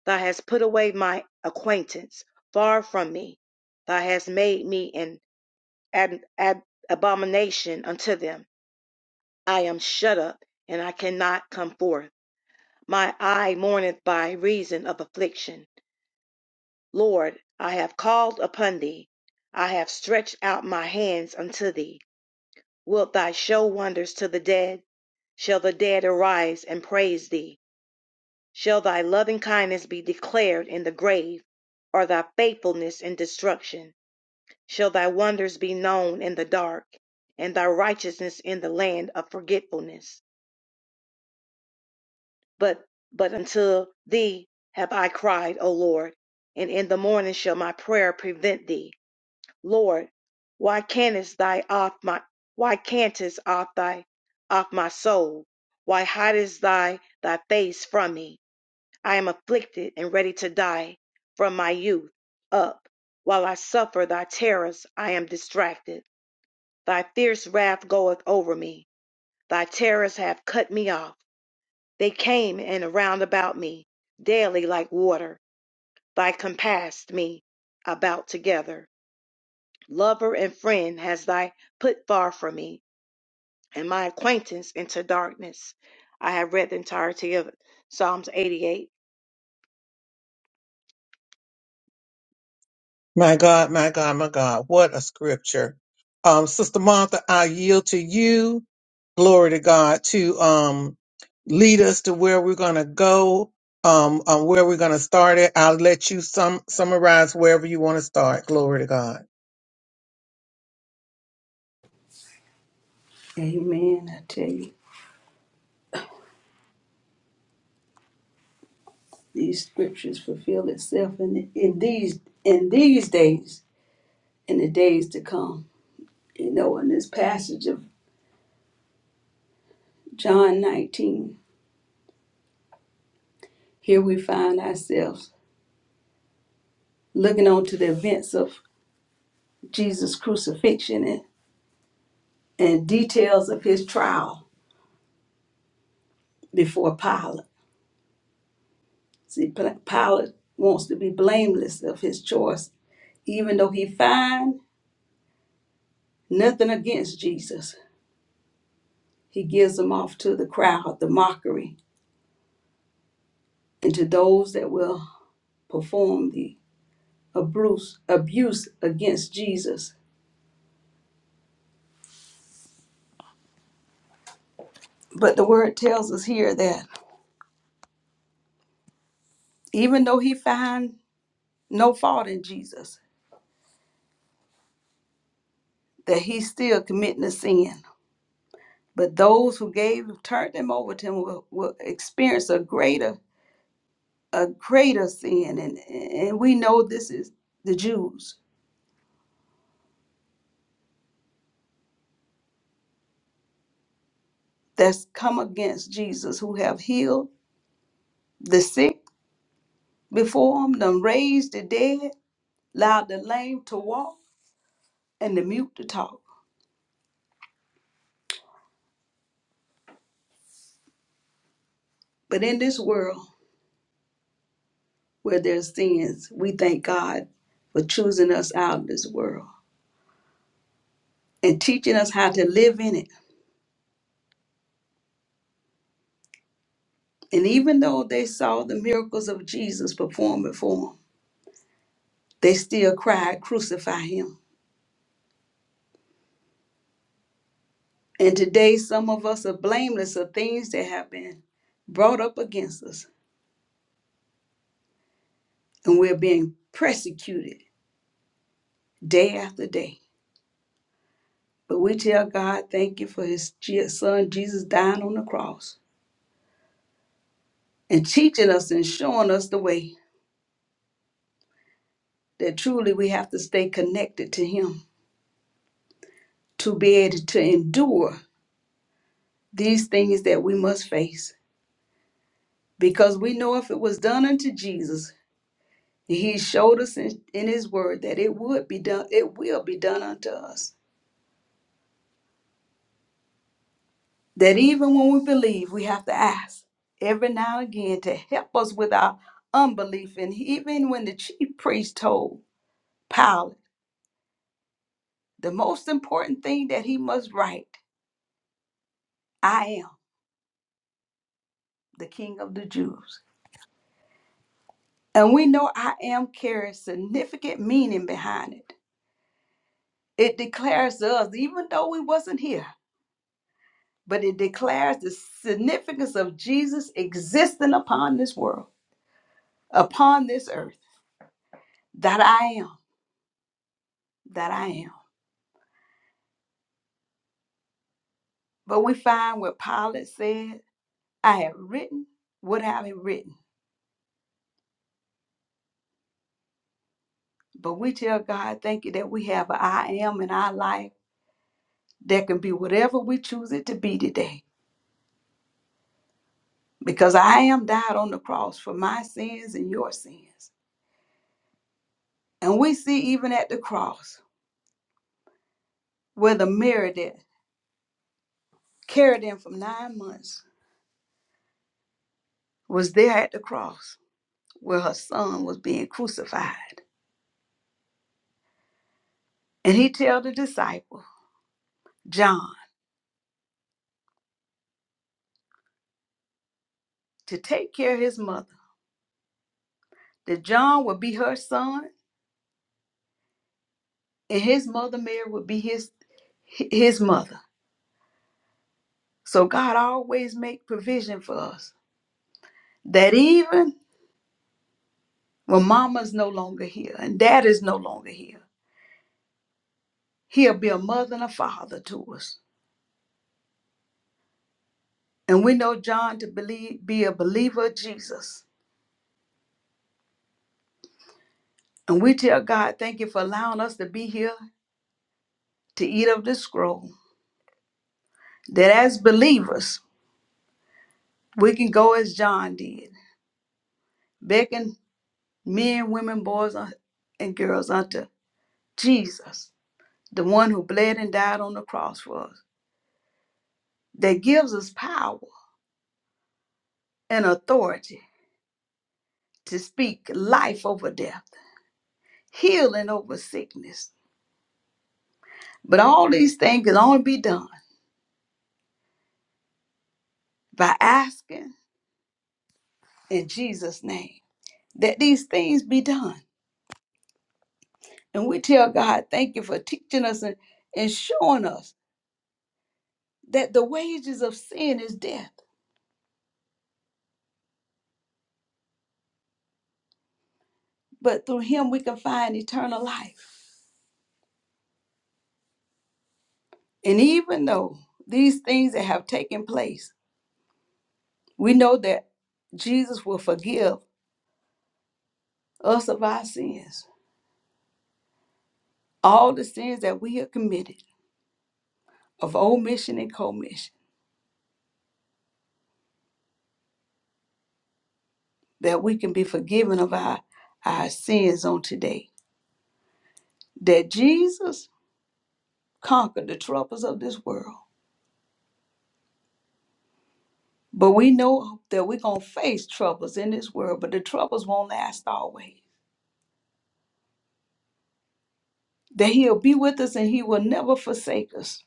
Speaker 5: thou hast put away my acquaintance far from me. Thou hast made me an ab- ab- abomination unto them I am shut up, and I cannot come forth. My eye mourneth by reason of affliction. Lord, I have called upon thee. I have stretched out my hands unto thee. Wilt thou show wonders to the dead? Shall the dead arise and praise thee? Shall thy loving kindness be declared in the grave, or thy faithfulness in destruction? Shall thy wonders be known in the dark, and thy righteousness in the land of forgetfulness? But but until thee have I cried, O Lord, and in the morning shall my prayer prevent thee. Lord, why canst thy off my why cantest off thy off my soul? Why hidest thy thy face from me? I am afflicted and ready to die from my youth up. While I suffer thy terrors, I am distracted. Thy fierce wrath goeth over me. Thy terrors have cut me off. They came and around about me, daily like water, thy compassed me about together. Lover and friend has thy put far from me, and my acquaintance into darkness. I have read the entirety of Psalms 88.
Speaker 1: My God, my God, my God, what a scripture. Um, Sister Martha, I yield to you, glory to God, to um, lead us to where we're going to go, um, um, where we're going to start it. I'll let you sum, summarize wherever you want to start. Glory to God.
Speaker 2: Amen. I tell you, these scriptures fulfill itself in in these in these days, in the days to come. You know, in this passage of John 19, here we find ourselves looking on to the events of Jesus' crucifixion and, and details of his trial before Pilate. See, Pilate wants to be blameless of his choice, even though he finds nothing against Jesus. He gives him off to the crowd, the mockery, and to those that will perform the abuse, abuse against Jesus. But the word tells us here that even though he finds no fault in Jesus, that he's still committing a sin But those who gave turned them over to him will, will experience a greater a greater sin. And and we know this is the Jews that's come against Jesus who have healed the sick before him, done raised the dead, allowed the lame to walk and the mute to talk. But in this world where there's sins, we thank God for choosing us out of this world and teaching us how to live in it. And even though they saw the miracles of Jesus performed before 'em, They still cried, Crucify him. And today, some of us are blameless of things that have been brought up against us, and we're being persecuted day after day. But we tell God, Thank you for his Je- son Jesus dying on the cross and teaching us and showing us the way that truly we have to stay connected to him to be able to endure these things that we must face. Because we know if it was done unto Jesus, He showed us in, in His Word that it would be done, it will be done unto us. That even when we believe, we have to ask every now and again to help us with our unbelief. And even when the chief priest told Pilate, the most important thing that he must write, I am the King of the Jews. And we know I am carries significant meaning behind it. It declares to us, even though we wasn't here, but it declares the significance of Jesus existing upon this world, upon this earth, that I am, that I am. But we find what Pilate said, I have written what I have written. But we tell God, thank you that we have an I am in our life that can be whatever we choose it to be today. Because I am died on the cross for my sins and your sins. And we see even at the cross where the Mary that carried him for nine months was there at the cross where her son was being crucified. And he tell the disciple, John, to take care of his mother, that John would be her son and his mother Mary would be his his mother. So God always make provision for us that even when mama's no longer here and dad is no longer here, he'll be a mother and a father to us. And we know John to believe be a believer of Jesus. And we tell God, thank you for allowing us to be here to eat of this scroll. that as believers, we can go as John did, beckon men, women, boys, un- and girls unto Jesus, the one who bled and died on the cross for us, that gives us power and authority to speak life over death, healing over sickness. But all these things can only be done by asking in Jesus' name that these things be done. And we tell God, thank you for teaching us and, and showing us that the wages of sin is death, but through him we can find eternal life. And even though these things that have taken place, we know that Jesus will forgive us of our sins, all the sins that we have committed, of omission and commission, that we can be forgiven of our, our sins on today. That Jesus conquered the troubles of this world. But we know that we're going to face troubles in this world, but the troubles won't last always that he'll be with us and he will never forsake us,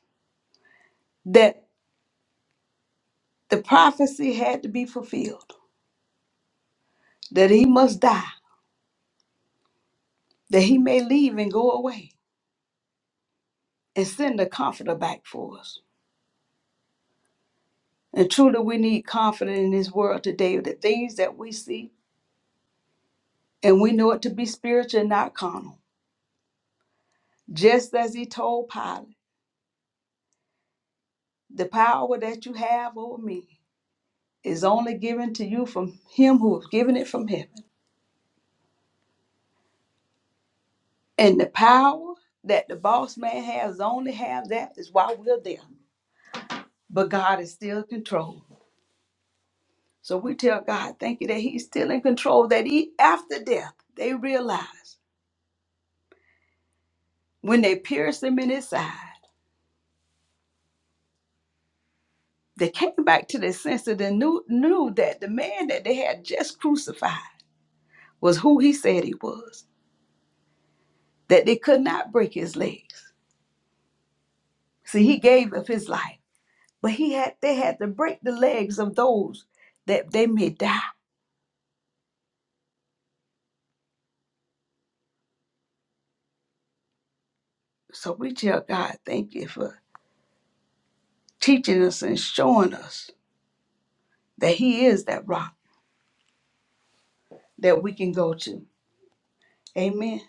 Speaker 2: that the prophecy had to be fulfilled, that he must die, that he may leave and go away and send a comforter back for us. And truly, we need confidence in this world today of the things that we see, and we know it to be spiritual and not carnal. Just as he told Pilate, the power that you have over me is only given to you from him who has given it from heaven. And the power that the boss man has only have that is why we're there. But God is still in control. So we tell God, thank you that He's still in control, that he after death, they realized when they pierced him in his side, they came back to their senses and knew, knew that the man that they had just crucified was who he said he was, that they could not break his legs. See, he gave up his life, but he had they had to break the legs of those that they may die. So we tell God, thank you for teaching us and showing us that He is that rock that we can go to. Amen.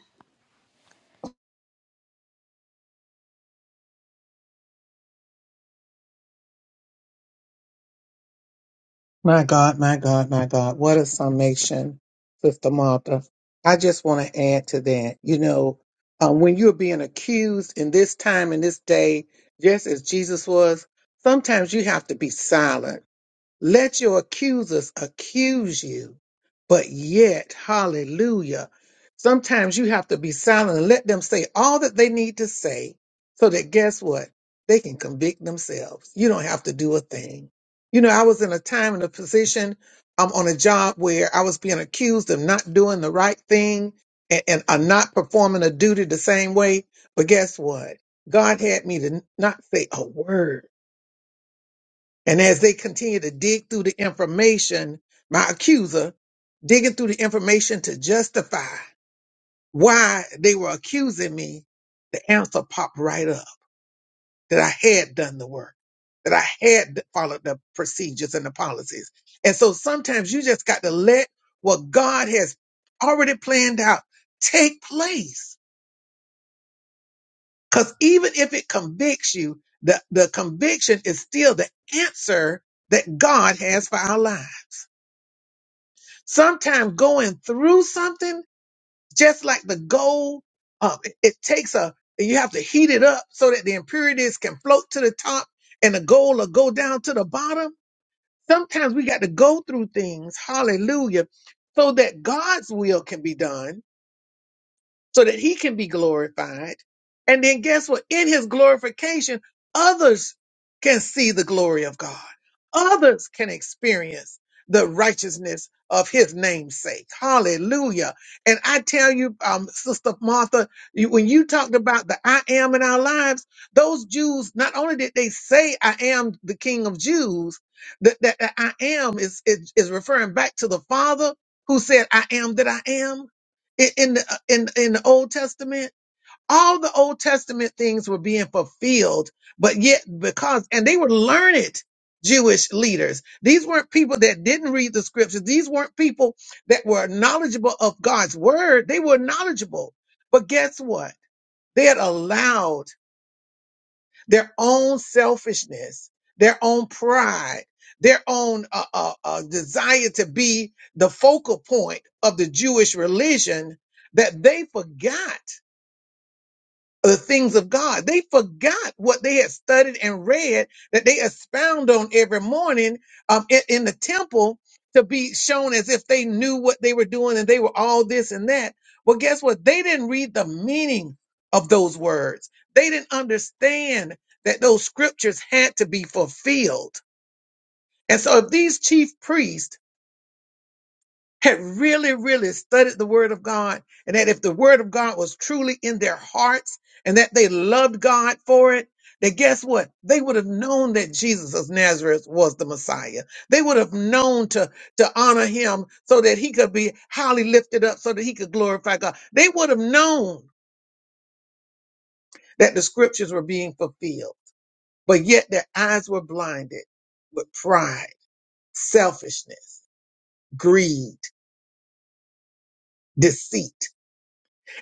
Speaker 1: My God, my God, my God, what a summation, Sister Martha. I just want to add to that, you know, um, when you're being accused in this time and this day, just as Jesus was, sometimes you have to be silent Let your accusers accuse you, but yet, hallelujah. Sometimes you have to be silent and let them say all that they need to say so that guess what? They can convict themselves. You don't have to do a thing. You know, I was in a time in a position um, on a job where I was being accused of not doing the right thing and, and uh, not performing a duty the same way. But guess what? God had me to n- not say a word. And as they continue to dig through the information, my accuser digging through the information to justify why they were accusing me, the answer popped right up that I had done the work, that I had followed the procedures and the policies. And so sometimes you just got to let what God has already planned out take place. Because even if it convicts you, the, the conviction is still the answer that God has for our lives. sometimes going through something, just like the gold, um, it, it takes a, you have to heat it up so that the impurities can float to the top and the gold will go down to the bottom. Sometimes we got to go through things, hallelujah, so that God's will can be done so that he can be glorified. And then guess what? In his glorification, others can see the glory of God. Others can experience the righteousness of his namesake. Hallelujah. And I tell you, um, Sister Martha, you, when you talked about the I am in our lives, those Jews, not only did they say, I am the King of Jews, that, that, that I am is, is, is referring back to the Father who said, I am that I am in in the, in in the Old Testament, all the Old Testament things were being fulfilled, but yet because and they were learned Jewish leaders. These weren't people that didn't read the scriptures. These weren't people that were knowledgeable of God's word. They were knowledgeable. But guess what? They had allowed their own selfishness, their own pride, their own uh, uh, uh, desire to be the focal point of the Jewish religion that they forgot the things of God. They forgot what they had studied and read that they expound on every morning um, in, in the temple to be shown as if they knew what they were doing and they were all this and that. Well, guess what? They didn't read the meaning of those words. They didn't understand that those scriptures had to be fulfilled. And so if these chief priests had really, really studied the word of God and that if the word of God was truly in their hearts and that they loved God for it, then guess what? They would have known that Jesus of Nazareth was the Messiah. They would have known to, to honor him so that he could be highly lifted up so that he could glorify God. They would have known that the scriptures were being fulfilled, but yet their eyes were blinded with pride, selfishness, greed, deceit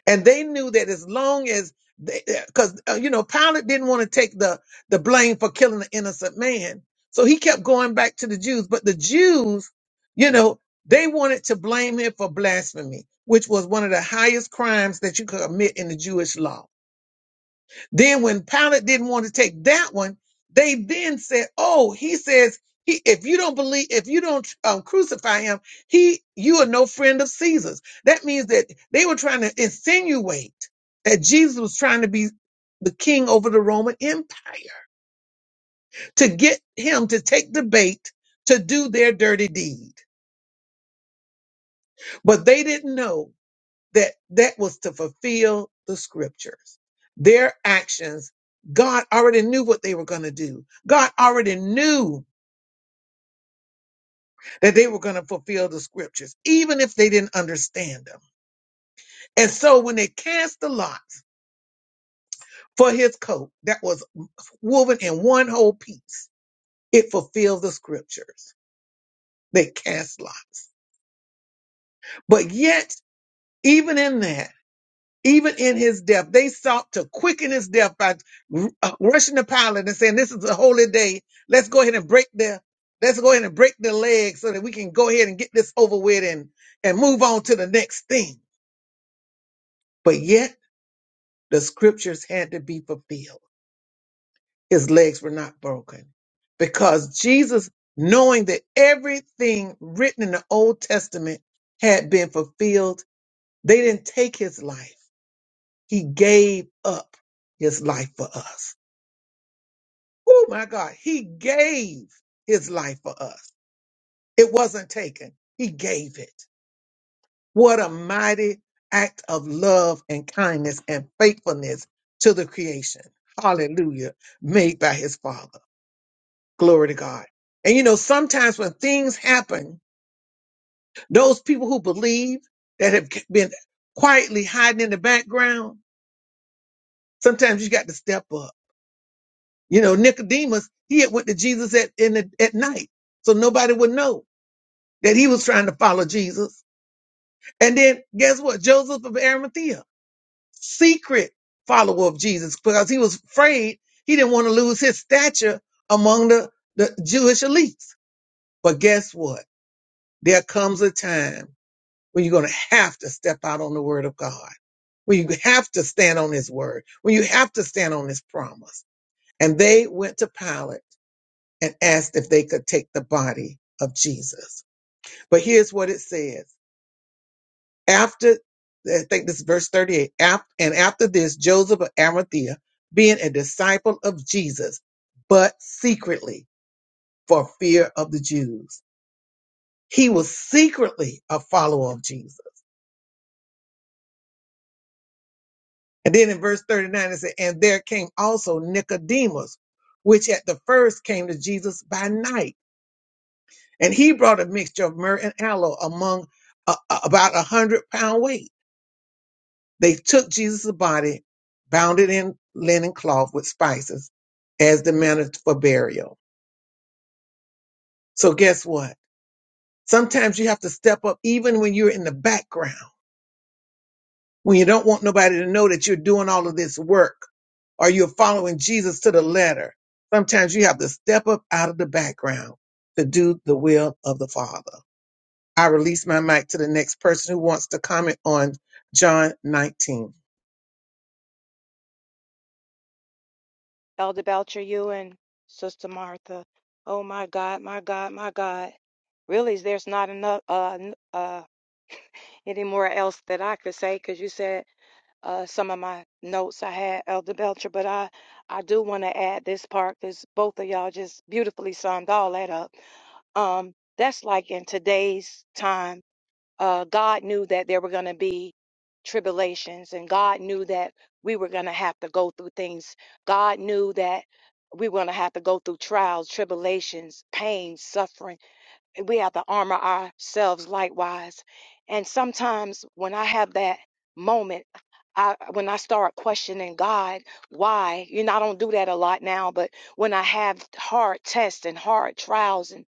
Speaker 1: and they knew that as long as they because uh, you know pilate didn't want to take the the blame for killing an innocent man so he kept going back to the jews but the jews you know they wanted to blame him for blasphemy which was one of the highest crimes that you could commit in the jewish law then when Pilate didn't want to take that one, they then said, "Oh, he says he if you don't believe if you don't um, crucify him, he you are no friend of Caesar's." That means that they were trying to insinuate that Jesus was trying to be the king over the Roman Empire to get him to take the bait to do their dirty deed. But they didn't know that that was to fulfill the scriptures. Their actions, God already knew what they were going to do. God already knew that they were going to fulfill the scriptures, even if they didn't understand them. And so when they cast the lots for his coat that was woven in one whole piece, it fulfilled the scriptures. They cast lots. But yet, even in that, Even in his death, they sought to quicken his death by uh, rushing the pilot and saying, "This is a holy day. Let's go ahead and break their, let's go ahead and break their legs so that we can go ahead and get this over with and and move on to the next thing." But yet, the scriptures had to be fulfilled. His legs were not broken because Jesus, knowing that everything written in the Old Testament had been fulfilled, they didn't take his life. He gave up his life for us. Oh my God, he gave his life for us. It wasn't taken, he gave it. What a mighty act of love and kindness and faithfulness to the creation. Hallelujah, made by his Father. Glory to God. And you know, sometimes when things happen, those people who believe that have been quietly hiding in the background, sometimes you got to step up. You know, Nicodemus, he had went to Jesus at, in the, at night, so nobody would know. that he was trying to follow Jesus. And then guess what? Joseph of Arimathea, secret follower of Jesus because he was afraid he didn't want to lose his stature among the, the Jewish elites. But guess what? There comes a time when you're going to have to step out on the word of God, when you have to stand on his word, when you have to stand on his promise. And they went to Pilate and asked if they could take the body of Jesus. But here's what it says. after I think this is verse 38. After, and after this, Joseph of Arimathea, being a disciple of Jesus, but secretly for fear of the Jews, he was secretly a follower of Jesus. And then in verse 39, it said, And there came also Nicodemus, which at the first came to Jesus by night. And he brought a mixture of myrrh and aloe among uh, uh, about a hundred pound weight They took Jesus' body, bound it in linen cloth with spices as the manner for burial. So guess what? Sometimes you have to step up even when you're in the background, when you don't want nobody to know that you're doing all of this work or you're following Jesus to the letter. Sometimes you have to step up out of the background to do the will of the Father. I release my mic to the next person who wants to comment on John 19.
Speaker 5: Elder Belcher, you and Sister Martha. Oh my God, my God, my God. Really, there's not enough uh, n- uh, <laughs> any more else that I could say because you said uh, some of my notes I had, Elder Belcher, but I, I do want to add this part because both of y'all just beautifully summed all that up. Um, that's like in today's time, uh, God knew that there were going to be tribulations and God knew that we were going to have to go through things. God knew that we were going to have to go through trials, tribulations, pain, suffering we have to armor ourselves likewise. And sometimes when I have that moment, I, when I start questioning God, why? You know, I don't do that a lot now, but when I have hard tests and hard trials, and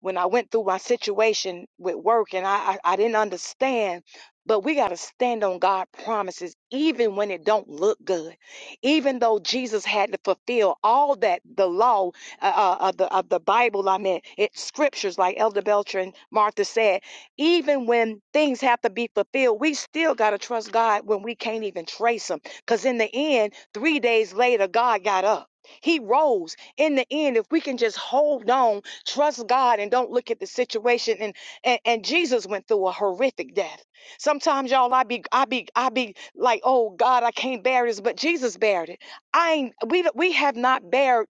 Speaker 5: when I went through my situation with work and I, I, I didn't understand, but we got to stand on God promises, even when it don't look good. Even though Jesus had to fulfill all that the law uh, uh, of, the, of the Bible, I mean, it's scriptures, like Elder Belcher and Martha said. Even when things have to be fulfilled, we still got to trust God when we can't even trace Him. Because in the end, three days later, God got up. He rose. In the end, if we can just hold on, trust God, and don't look at the situation. And and, and Jesus went through a horrific death. Sometimes, y'all, I be I be I be like, oh God, I can't bear this, but Jesus bared it. I ain't, we we have not bared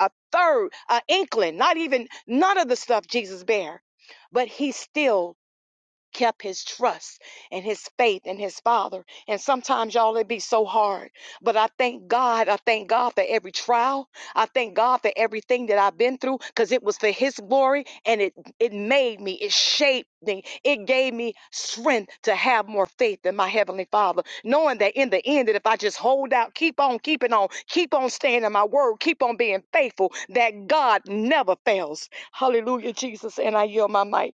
Speaker 5: a third, an inkling, not even none of the stuff Jesus bare, but he still kept his trust and his faith in his father. And sometimes, y'all, it be so hard. But I thank God. I thank God for every trial. I thank God for everything that I've been through because it was for his glory and it, it made me, it shaped me, it gave me strength to have more faith in my heavenly father, knowing that in the end, that if I just hold out, keep on keeping on, keep on staying in my word, keep on being faithful, that God never fails. Hallelujah, Jesus. And I yield my mic.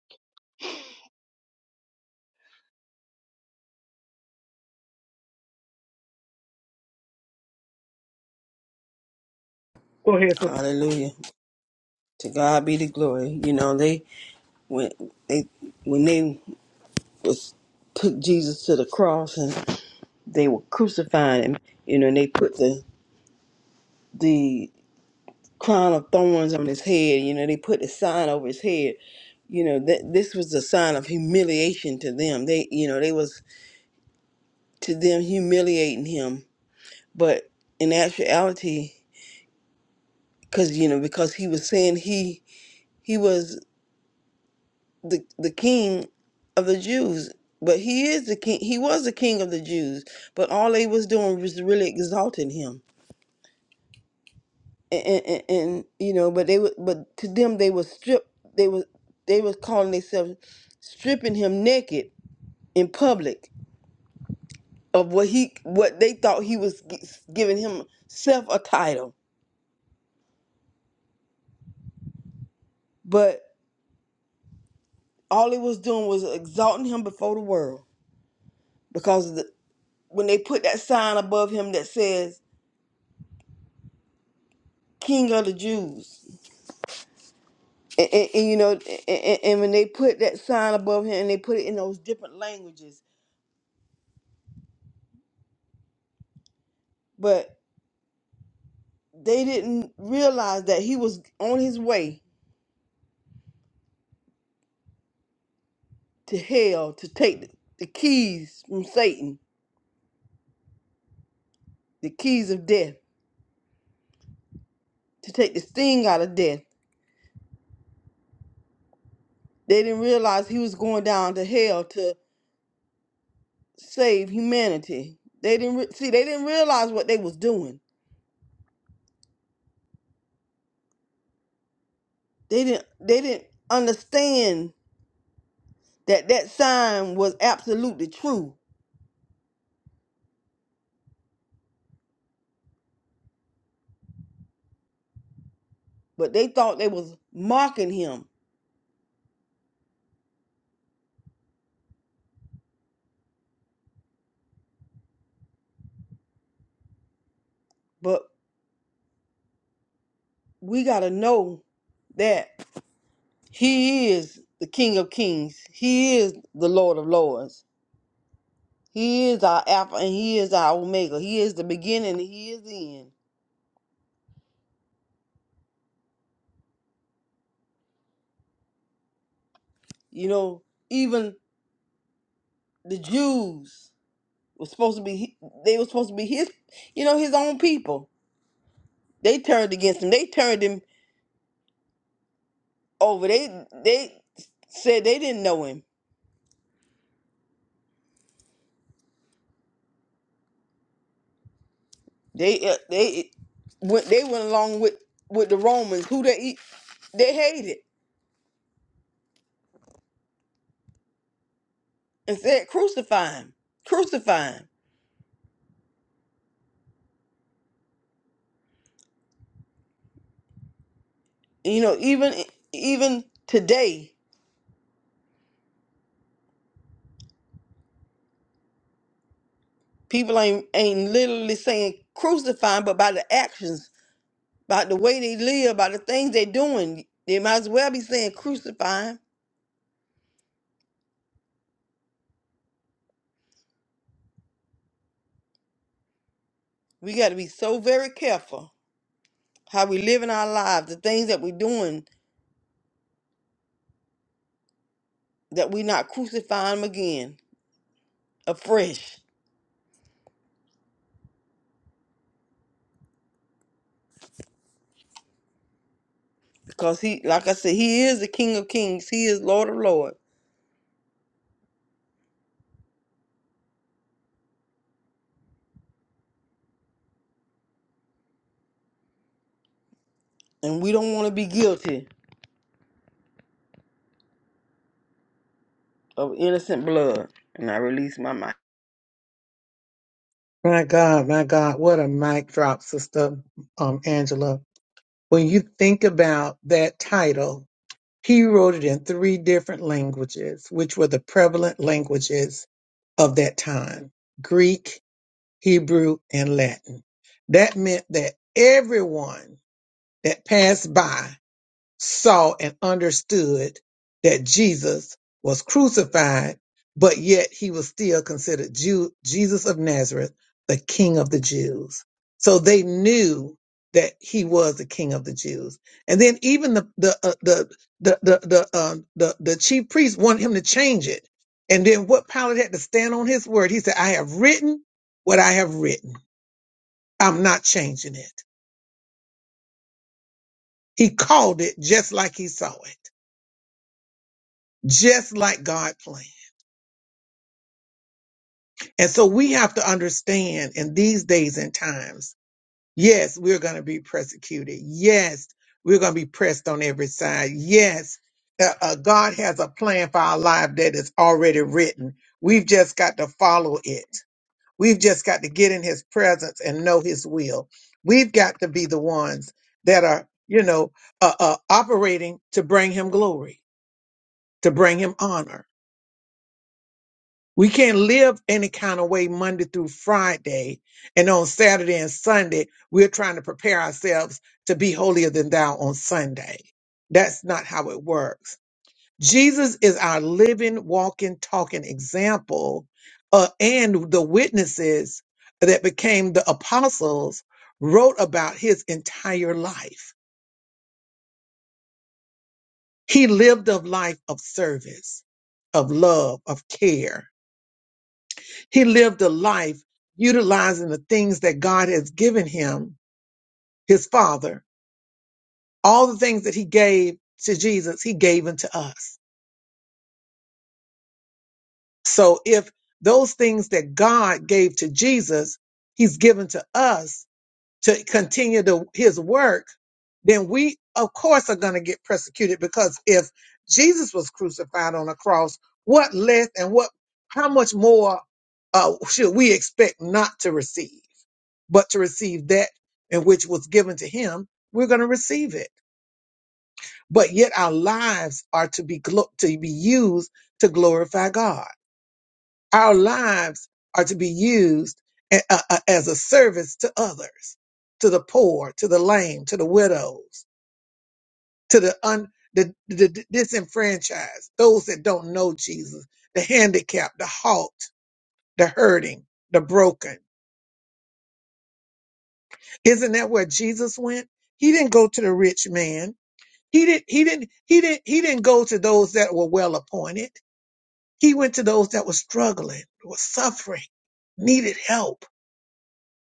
Speaker 4: Hallelujah. To God be the glory. You know, they when they when they was took Jesus to the cross and they were crucifying him, you know, and they put the the crown of thorns on his head. You know, they put a sign over his head. You know, that this was a sign of humiliation to them. They, you know, they was to them humiliating him. But in actuality, because you know, because he was saying he he was the the king of the Jews. But he is the king. He was the king of the Jews. But all they was doing was really exalting him and, and, and you know, but they were, but to them they were stripped. They were they was calling themselves stripping him naked in public of what he what they thought he was gi- giving himself a title, but all he was doing was exalting him before the world because the, when they put that sign above him that says King of the Jews, and, and, and, you know, and, and and when they put that sign above him and they put it in those different languages, but. they didn't realize that he was on his way to hell to take the, the keys from Satan, the keys of death, to take the sting out of death. They didn't realize he was going down to hell to save humanity. They didn't re- see. They didn't realize what they was doing. They didn't. They didn't understand that that sign was absolutely true. But they thought they was mocking him. But we gotta know that. He is the King of Kings. He is the Lord of Lords. He is our Alpha and He is our Omega. He is the beginning and He is the end. You know, even the Jews were supposed to be, he- they were supposed to be His, you know, His own people. They turned against Him. They turned Him over. They, they said they didn't know Him. They, uh, they went, they went along with, with the Romans who they, they hated and said, crucify Him, crucify Him. You know, even even today, people ain't ain't literally saying crucify, 'em, but by the actions, by the way they live, by the things they are doing, they might as well be saying crucify. 'em. We got to be so very careful how we live in our lives, the things that we are doing, that we not crucifying 'em again afresh. Because he, like I said, he is the King of Kings. He is Lord of Lords, and we don't want to be guilty of innocent blood. And I release my mind.
Speaker 1: My God, my God, what a mic drop, Sister um, Angela. When you think about that title, he wrote it in three different languages, which were the prevalent languages of that time Greek, Hebrew, and Latin. That meant that everyone that passed by saw and understood that Jesus was crucified, but yet he was still considered Jew, Jesus of Nazareth, the King of the Jews. So they knew that he was the King of the Jews. And then even the the uh, the the the the, um, the the chief priest wanted him to change it. And then what Pilate had to stand on his word. He said, "I have written what I have written. I'm not changing it." He called it just like he saw it, just like God planned. And so we have to understand in these days and times, yes, we're going to be persecuted. Yes, we're going to be pressed on every side. Yes, uh, uh, God has a plan for our life that is already written. We've just got to follow it. We've just got to get in his presence and know his will. We've got to be the ones that are, you know, uh, uh, operating to bring him glory, to bring him honor. We can't live any kind of way Monday through Friday. And on Saturday and Sunday, we're trying to prepare ourselves to be holier than thou on Sunday. That's not how it works. Jesus is our living, walking, talking example, uh, and the witnesses that became the apostles wrote about his entire life. He lived a life of service, of love, of care He lived a life utilizing the things that God has given him, his father. All the things that he gave to Jesus, he gave unto us. So if those things that God gave to Jesus, he's given to us to continue the, his work, then we, of course, are going to get persecuted because if Jesus was crucified on a cross, what less and what, how much more uh, should we expect not to receive? but to receive that in which was given to him, we're going to receive it. But yet our lives are to be glo- to be used to glorify God. Our lives are to be used a- a- a- as a service to others, to the poor, to the lame, to the widows, to the un the, the the disenfranchised, those that don't know Jesus, the handicapped, the halt, the hurting, the broken. Isn't that where Jesus went? He didn't go to the rich man. He didn't he didn't he didn't he didn't go to those that were well appointed. He went to those that were struggling, were suffering, needed help,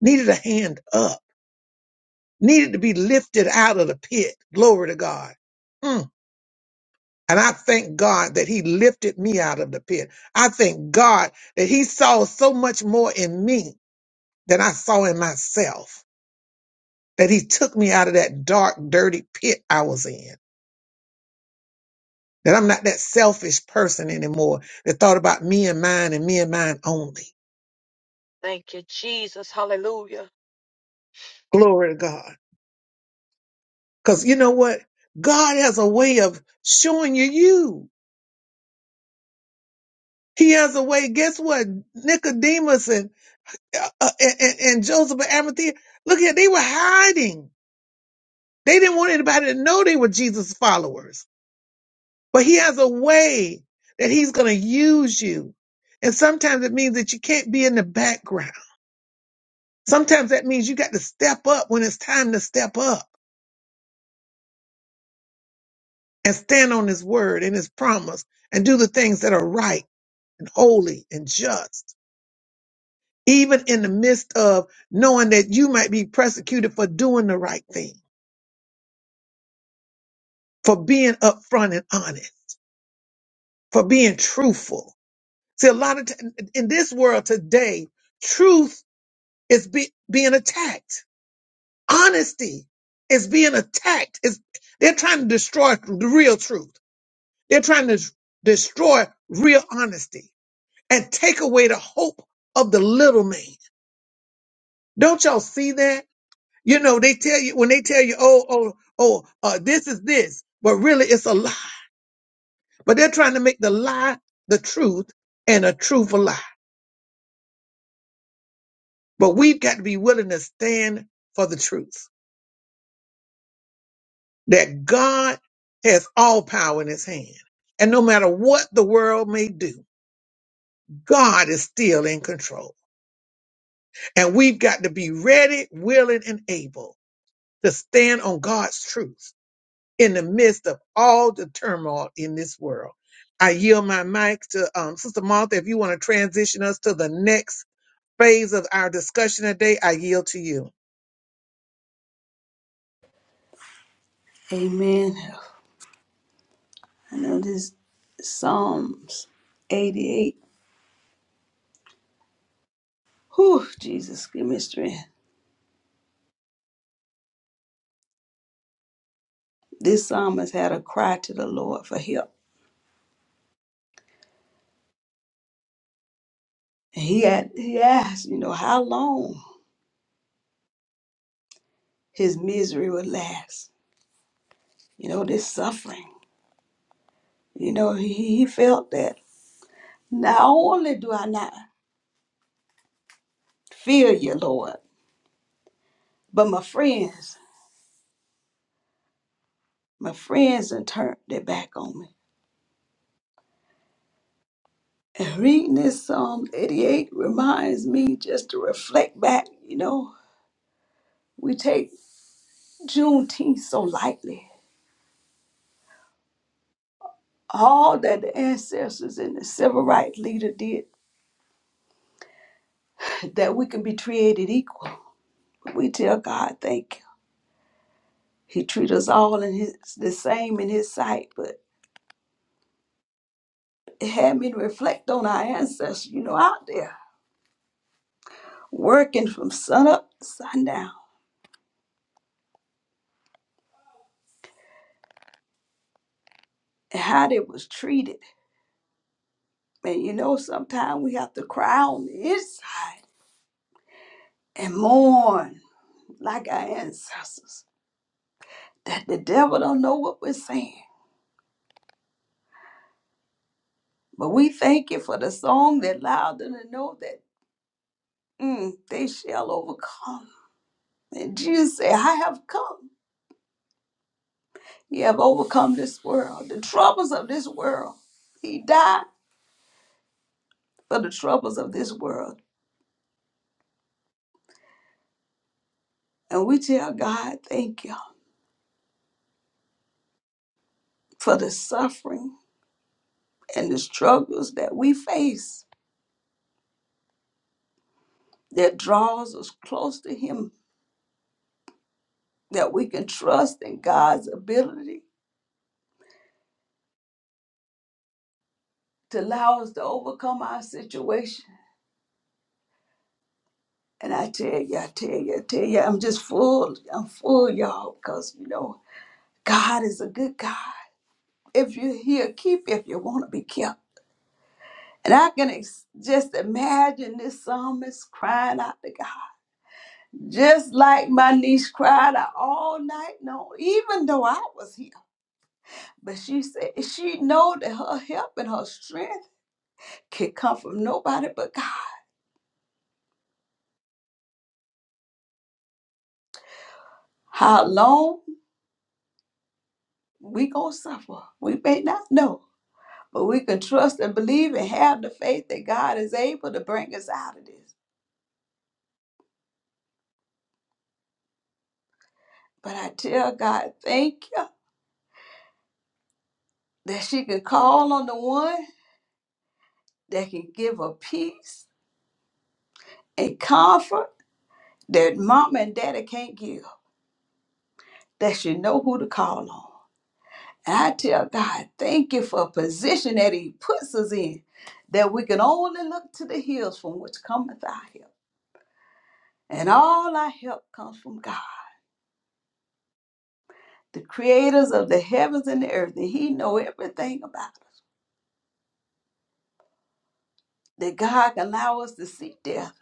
Speaker 1: needed a hand up, needed to be lifted out of the pit. Glory to God. Mm. And I thank God that he lifted me out of the pit. I thank God that he saw so much more in me than I saw in myself, that he took me out of that dark, dirty pit I was in That I'm not that selfish person anymore that thought about me and mine and me and mine only.
Speaker 5: Thank you, Jesus. Hallelujah.
Speaker 1: Glory to God. Because you know what? God has a way of showing you you. He has a way. Guess what? Nicodemus and uh, uh, and, and and Joseph of Arimathea, look at they were hiding. They didn't want anybody to know they were Jesus' followers. But he has a way that he's going to use you. And sometimes it means that you can't be in the background Sometimes that means you got to step up when it's time to step up and stand on his word and his promise and do the things that are right and holy and just, even in the midst of knowing that you might be persecuted for doing the right thing, for being upfront and honest, for being truthful. See, a lot of t- in this world today, truth is be- being attacked. Honesty is being attacked. It's, they're trying to destroy the real truth. They're trying to destroy real honesty and take away the hope of the little man. Don't y'all see that? You know, they tell you when they tell you, oh, oh, oh, uh, this is this, but really it's a lie. But they're trying to make the lie the truth and a truth a lie. But we've got to be willing to stand for the truth that God has all power in his hand. And no matter what the world may do, God is still in control. And we've got to be ready, willing, and able to stand on God's truth in the midst of all the turmoil in this world. I yield my mic to um, Sister Martha. If you want to transition us to the next phase of our discussion today, I yield to you.
Speaker 2: Amen. I know this Psalms 88. Whew, Jesus, give me strength. This psalmist had a cry to the Lord for help. And he had he asked, you know, how long his misery would last. You know, this suffering. You know, he, he felt that not only do I not fear you, Lord, but my friends. My friends have turned their back on me. And reading this Psalm 88 reminds me just to reflect back, you know, we take Juneteenth so lightly. All that the ancestors and the civil rights leader did, <laughs> that we can be treated equal. We tell God thank you. He treat us all in his the same in his sight, but it had me to reflect on our ancestors, you know, out there working from sun up to sundown and how they was treated And you know, sometimes we have to cry on the inside and mourn like our ancestors that the devil don't know what we're saying. But we thank you for the song that allowed them to know that mm, they shall overcome. And Jesus said, I have come. You have overcome this world, the troubles of this world. He died for the troubles of this world. And we tell God, thank you for the suffering and the struggles that we face that draws us close to Him, that we can trust in God's ability to allow us to overcome our situation. And I tell you, I tell you, I tell you, I'm just full. I'm full, y'all, because, you know, God is a good God. If you're here, keep if you want to be kept. And I can ex- just imagine this psalmist crying out to God, just like my niece cried out all night long, even though I was here. But she said she know that her help and her strength. can come from nobody but God. How long we gonna suffer, we may not know. But we can trust and believe and have the faith that God is able to bring us out of this. But I tell God, thank you that she can call on the one that can give her peace and comfort that mama and daddy can't give. That she know who to call on. And I tell God, thank you for a position that he puts us in, that we can only look to the hills from which cometh our help. And all our help comes from God, the creators of the heavens and the earth, and He know everything about us. That God can allow us to see death,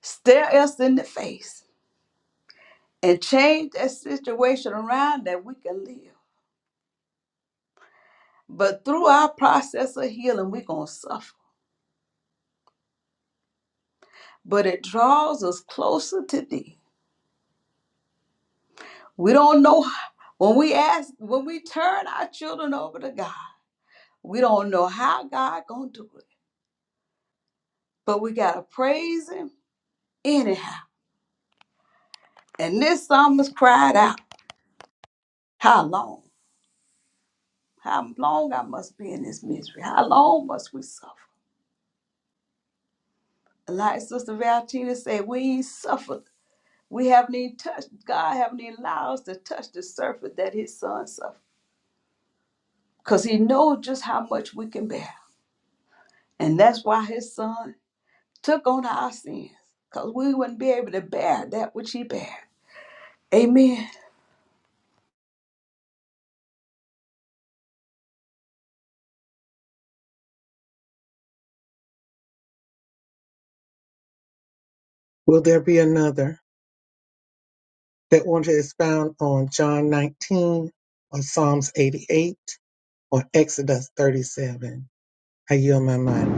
Speaker 2: stare us in the face, and change that situation around that we can live. But through our process of healing, we're gonna suffer. But it draws us closer to thee. We don't know when we ask, when we turn our children over to God, we don't know how God gonna do it. But we gotta praise Him anyhow And this psalmist cried out, How long? How long I must be in this misery? How long must we suffer? Like Sister Valentina said, we ain't suffered. We haven't even touched, God haven't even allowed us to touch the surface that his son suffered. Because he knows just how much we can bear. And that's why his son took on our sins. Because we wouldn't be able to bear that which he bare. Amen.
Speaker 1: Will there be another that want to expound on John 19 or Psalms 88 or Exodus 37? I yield my mic.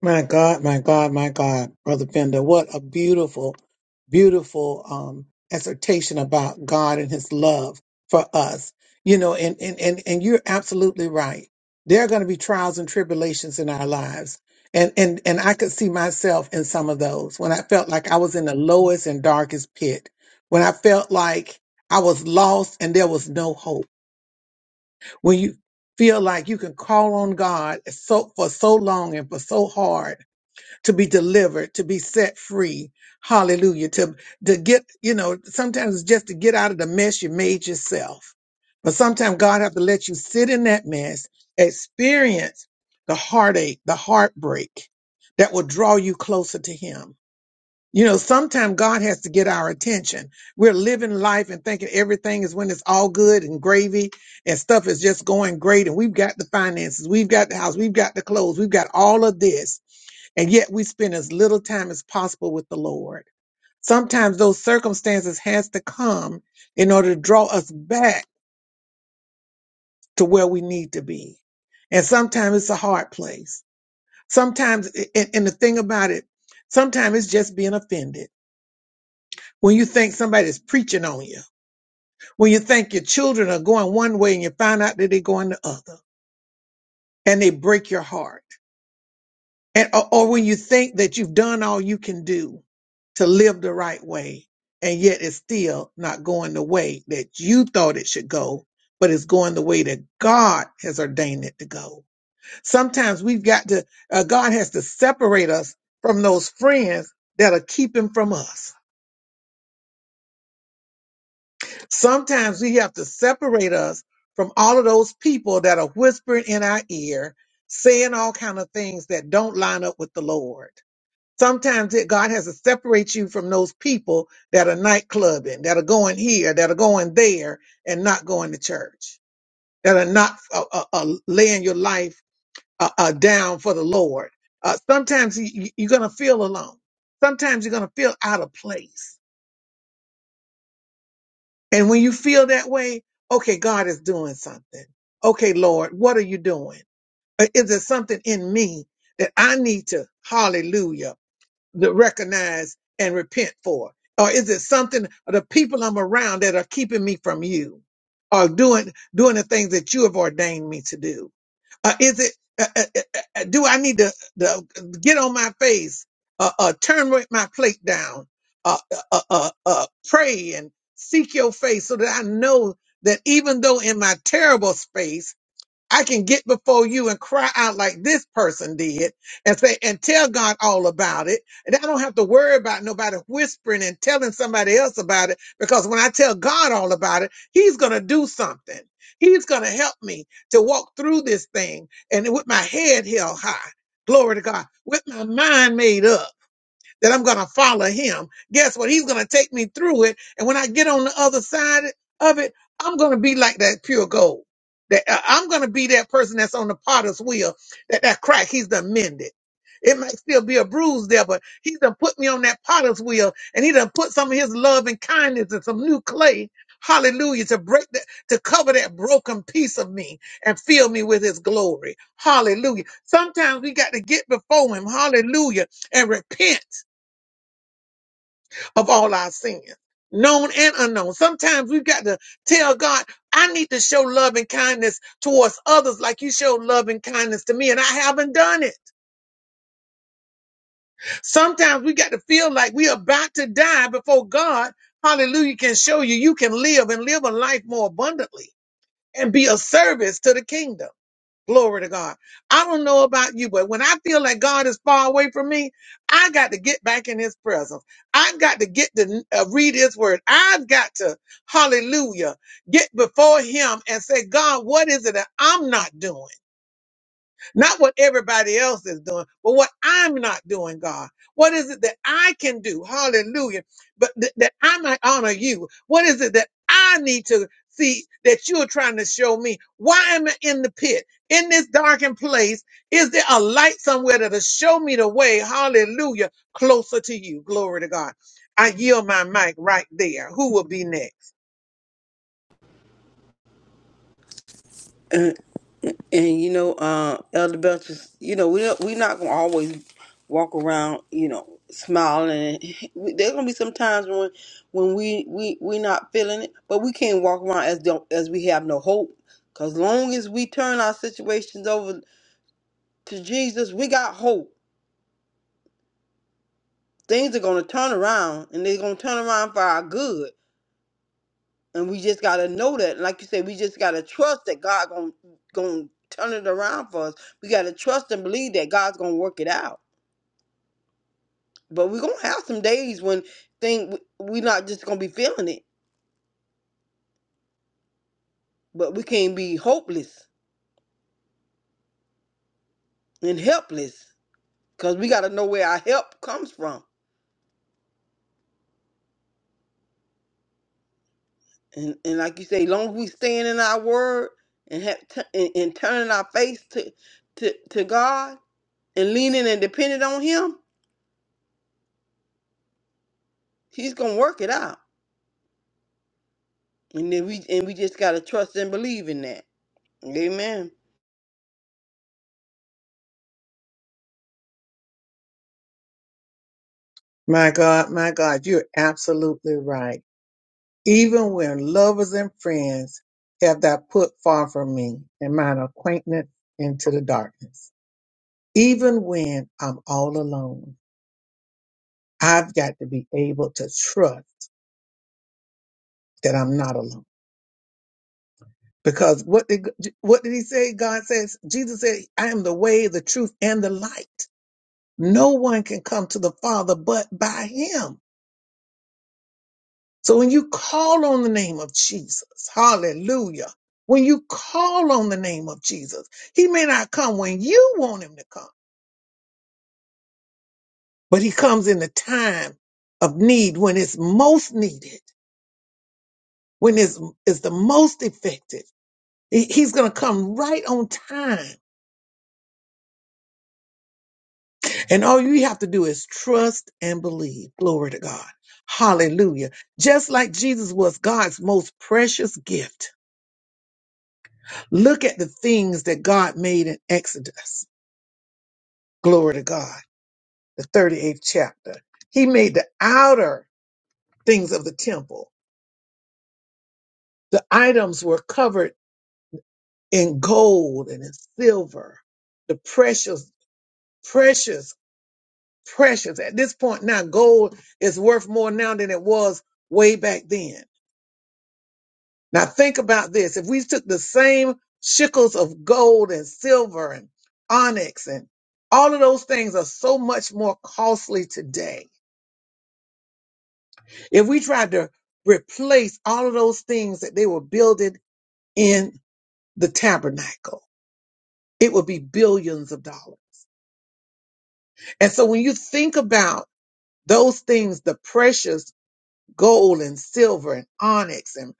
Speaker 1: My God, my God, my God, Brother Bender, what a beautiful, beautiful um, exhortation about God and his love for us. You know, and, and, and, and you're absolutely right. There are going to be trials and tribulations in our lives. And, and, and I could see myself in some of those when I felt like I was in the lowest and darkest pit, when I felt like I was lost and there was no hope, when you feel like you can call on God so, for so long and for so hard to be delivered, to be set free. Hallelujah. To, to get, you know, sometimes it's just to get out of the mess you made yourself. But sometimes God have to let you sit in that mess, experience the heartache, the heartbreak that will draw you closer to him. You know, sometimes God has to get our attention. We're living life and thinking everything is when it's all good and gravy and stuff is just going great. And we've got the finances, we've got the house, we've got the clothes, we've got all of this and yet we spend as little time as possible with the Lord. Sometimes those circumstances has to come in order to draw us back to where we need to be. And sometimes it's a hard place. Sometimes, and, and the thing about it, sometimes it's just being offended. When you think somebody's preaching on you, when you think your children are going one way and you find out that they're going the other, and they break your heart. and or, or when you think that you've done all you can do to live the right way and yet it's still not going the way that you thought it should go but it's going the way that god has ordained it to go sometimes we've got to uh, god has to separate us from those friends that are keeping from us sometimes we have to separate us from all of those people that are whispering in our ear saying all kind of things that don't line up with the lord Sometimes it, God has to separate you from those people that are nightclubbing, that are going here, that are going there, and not going to church, that are not uh, uh, uh, laying your life uh, uh, down for the Lord. Uh, sometimes you, you- you're going to feel alone. Sometimes you're going to feel out of place. And when you feel that way, okay, God is doing something. Okay, Lord, what are you doing? Uh, Is there something in me that I need to, hallelujah, to recognize and repent for? Or is it something of the people I'm around that are keeping me from you or doing, doing the things that you have ordained me to do? Uh, is it, uh, uh, uh, uh, do I need to, to get on my face, uh, uh, turn with my plate down, uh, uh, uh, uh, uh, pray and seek your face so that I know that even though in my terrible space, I can get before you and cry out like this person did and say, and tell God all about it. And I don't have to worry about nobody whispering and telling somebody else about it because when I tell God all about it, He's going to do something. He's going to help me to walk through this thing and with my head held high. Glory to God. With my mind made up that I'm going to follow him. Guess what? He's going to take me through it. And when I get on the other side of it, I'm going to be like that pure gold. That I- I'm going to be that person that's on the potter's wheel, that, that crack he's done mended. It might still be a bruise there, but he's done put me on that potter's wheel and he done put some of his love and kindness and some new clay. Hallelujah. To break that, to cover that broken piece of me and fill me with his glory. Hallelujah. Sometimes we got to get before him. Hallelujah. And repent of all our sins, known and unknown. Sometimes we've got to tell God, I need to show love and kindness towards others like you showed love and kindness to me, and I haven't done it. Sometimes we got to feel like we're about to die before God, hallelujah, can show you you can live and live a life more abundantly and be of service to the kingdom. Glory to God. I don't know about you, but when I feel like God is far away from me, I got to get back in his presence. I've got to get to uh, read his word. I've got to, hallelujah, get before him and say, God, what is it that I'm not doing? Not what everybody else is doing, but what I'm not doing, God. What is it that I can do? Hallelujah. But th- that I might honor you. What is it that I need to see that you're trying to show me? Why am I in the pit? In this darkened place, is there a light somewhere that'll show me the way? Hallelujah. Closer to you. Glory to God. I yield my mic right there. Who will be next?
Speaker 4: And you know, uh, Elder Belcher, you know, we don't, we're not gonna always walk around, you know, smiling. <laughs> There's gonna be some times when when we we we not feeling it, but we can't walk around as don't as we have no hope. Cause long as we turn our situations over to Jesus, we got hope. Things are gonna turn around, and they're gonna turn around for our good. And we just gotta know that. Like you said, we just gotta trust that God gonna gonna turn it around for us. We gotta trust and believe that God's gonna work it out But we're gonna have some days when thing we're not just gonna be feeling it, but we can't be hopeless and helpless because we gotta know where our help comes from. And and like you say, long as we stand in our word and have t- and, and turning our face to to to God and leaning and depending on Him, He's gonna work it out. And then we and we just gotta trust and believe in that. Amen.
Speaker 1: My God, my God, you're absolutely right. even when lovers and friends have thou put far from me and mine acquaintance into the darkness. Even when I'm all alone, I've got to be able to trust that I'm not alone. Because what did what did he say? God says, Jesus said, I am the way, the truth, and the light. No one can come to the Father but by him. So when you call on the name of Jesus, hallelujah. When you call on the name of Jesus, he may not come when you want him to come, but he comes in the time of need when it's most needed, when it's, it's the most effective. He- He's going to come right on time. And all you have to do is trust and believe. Glory to God. Hallelujah. Just like Jesus was God's most precious gift. Look at the things that God made in Exodus. glory to God, the 38th chapter. He made the outer things of the temple. The items were covered in gold and in silver, the precious, precious, precious. At this point now, gold is worth more now than it was way back then. Now think about this. If we took the same shekels of gold and silver and onyx and all of those things are so much more costly today If we tried to replace all of those things that they were building in the tabernacle, it would be billions of dollars. And so when you think about those things, the precious gold and silver and onyx and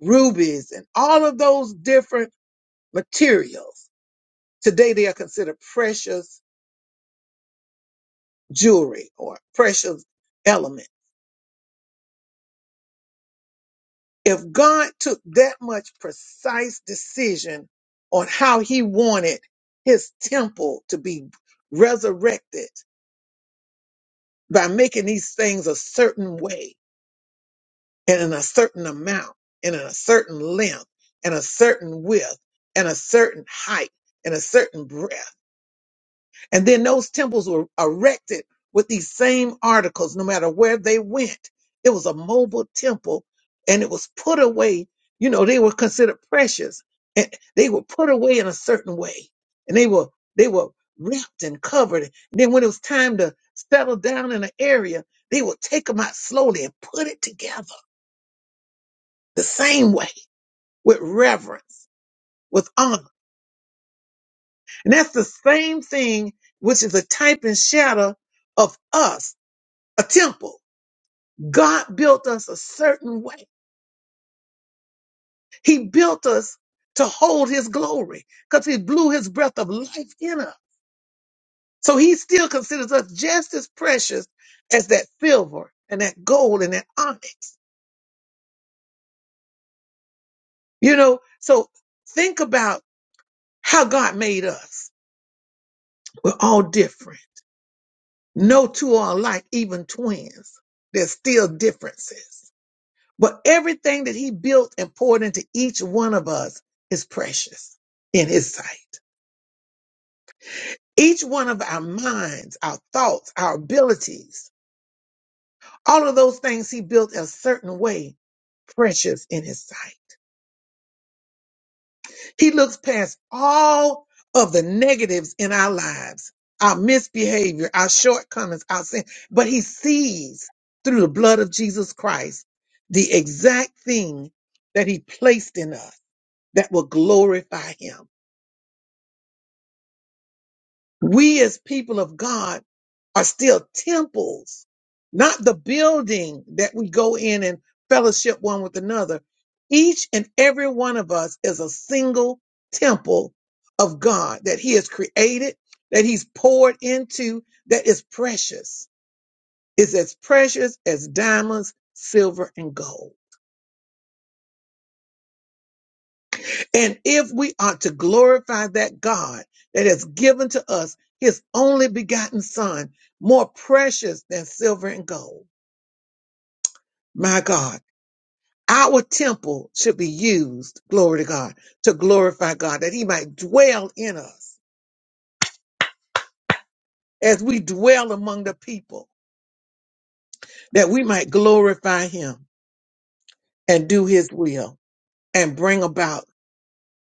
Speaker 1: rubies and all of those different materials, today they are considered precious jewelry or precious elements If God took that much precise decision on how he wanted his temple to be resurrected by making these things a certain way and in a certain amount and in a certain length and a certain width and a certain height and a certain breadth And then those temples were erected with these same articles, no matter where they went. It was a mobile temple and it was put away. You know, they were considered precious and they were put away in a certain way and they were, they were wrapped and covered. And then when it was time to settle down in an area, they would take them out slowly and put it together the same way with reverence, with honor. And that's the same thing, which is a type and shadow of us a temple. God built us a certain way. He built us to hold his glory because he blew his breath of life in us. So he still considers us just as precious as that silver and that gold and that onyx. You know, so think about how God made us. We're all different. No two are alike, even twins. There's still differences. But everything that he built and poured into each one of us is precious in his sight. Each one of our minds, our thoughts, our abilities, all of those things he built a certain way, precious in his sight. He looks past all of the negatives in our lives, our misbehavior, our shortcomings, our sin, but he sees through the blood of Jesus Christ the exact thing that he placed in us that will glorify him. We as people of God are still temples, not the building that we go in and fellowship one with another. Each and every one of us is a single temple of God that he has created, that he's poured into, that is precious, is as precious as diamonds, silver, and gold. And if we are to glorify that God that has given to us his only begotten son, more precious than silver and gold, my God, our temple should be used, glory to God, to glorify God, that he might dwell in us as we dwell among the people, that we might glorify him and do his will and bring about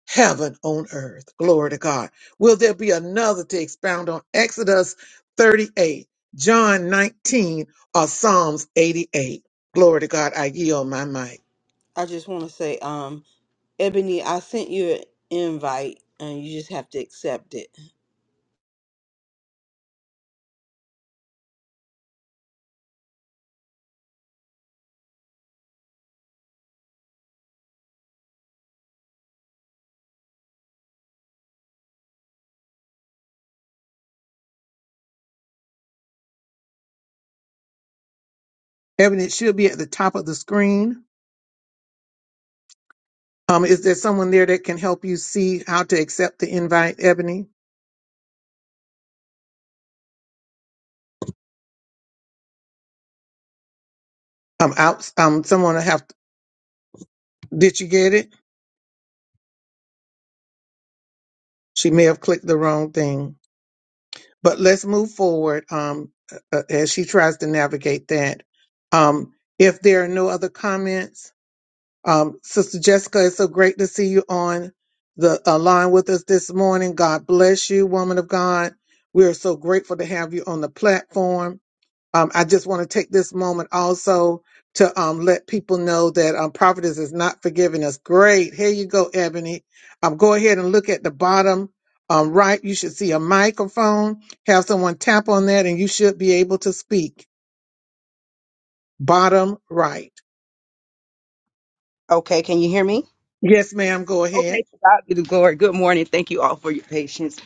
Speaker 1: heaven on earth. Glory to God. Will there be another to expound on Exodus 38, John 19, or Psalms 88? Glory to God. I yield my mic.
Speaker 4: I just want to say, um, Ebony, I sent you an invite, and you just have to accept it.
Speaker 1: Evan, it should be at the top of the screen. Um, is there someone there that can help you see how to accept the invite, Ebony? Um, out. Um, someone will have. did you get it? She may have clicked the wrong thing. But let's move forward. Um, uh, uh, as she tries to navigate that. Um, if there are no other comments, Um, Sister Jessica, it's so great to see you on the uh, line with us this morning. God bless you, woman of God. We are so grateful to have you on the platform. Um, I just want to take this moment also to um, let people know that um, Prophetess is not forgiving us. Great. Here you go, Ebony. Um, go ahead and look at the bottom um, right. You should see a microphone. Have someone tap on that and you should be able to speak. Bottom right.
Speaker 6: Okay, can you hear me?
Speaker 1: Yes, ma'am. Go ahead.
Speaker 6: Okay, to God be the glory. Good morning. Thank you all for your patience.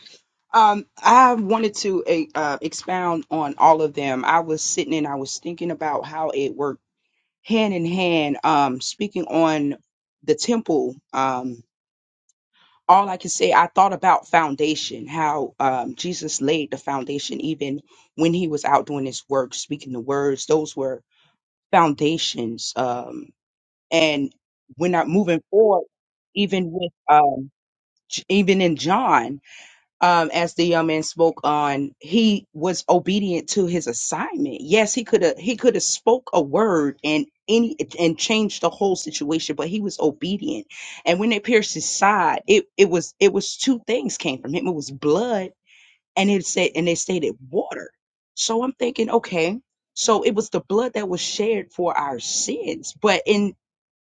Speaker 6: Um, I wanted to eh, uh, expound on all of them. I was sitting and I was thinking about how it worked hand in hand. Um, speaking on the temple, um, all I can say, I thought about foundation, how um, Jesus laid the foundation even when he was out doing his work, speaking the words. Those were foundations. Um, and we're not moving forward, even with. um. J- even in John, um, as the young man spoke on, he was obedient to his assignment. Yes, he could have he could have spoke a word and any and changed the whole situation, but he was obedient. And when they pierced his side, it it was it was two things came from him. It was blood and it said and they stated water. So I'm thinking, okay, so it was the blood that was shared for our sins. But in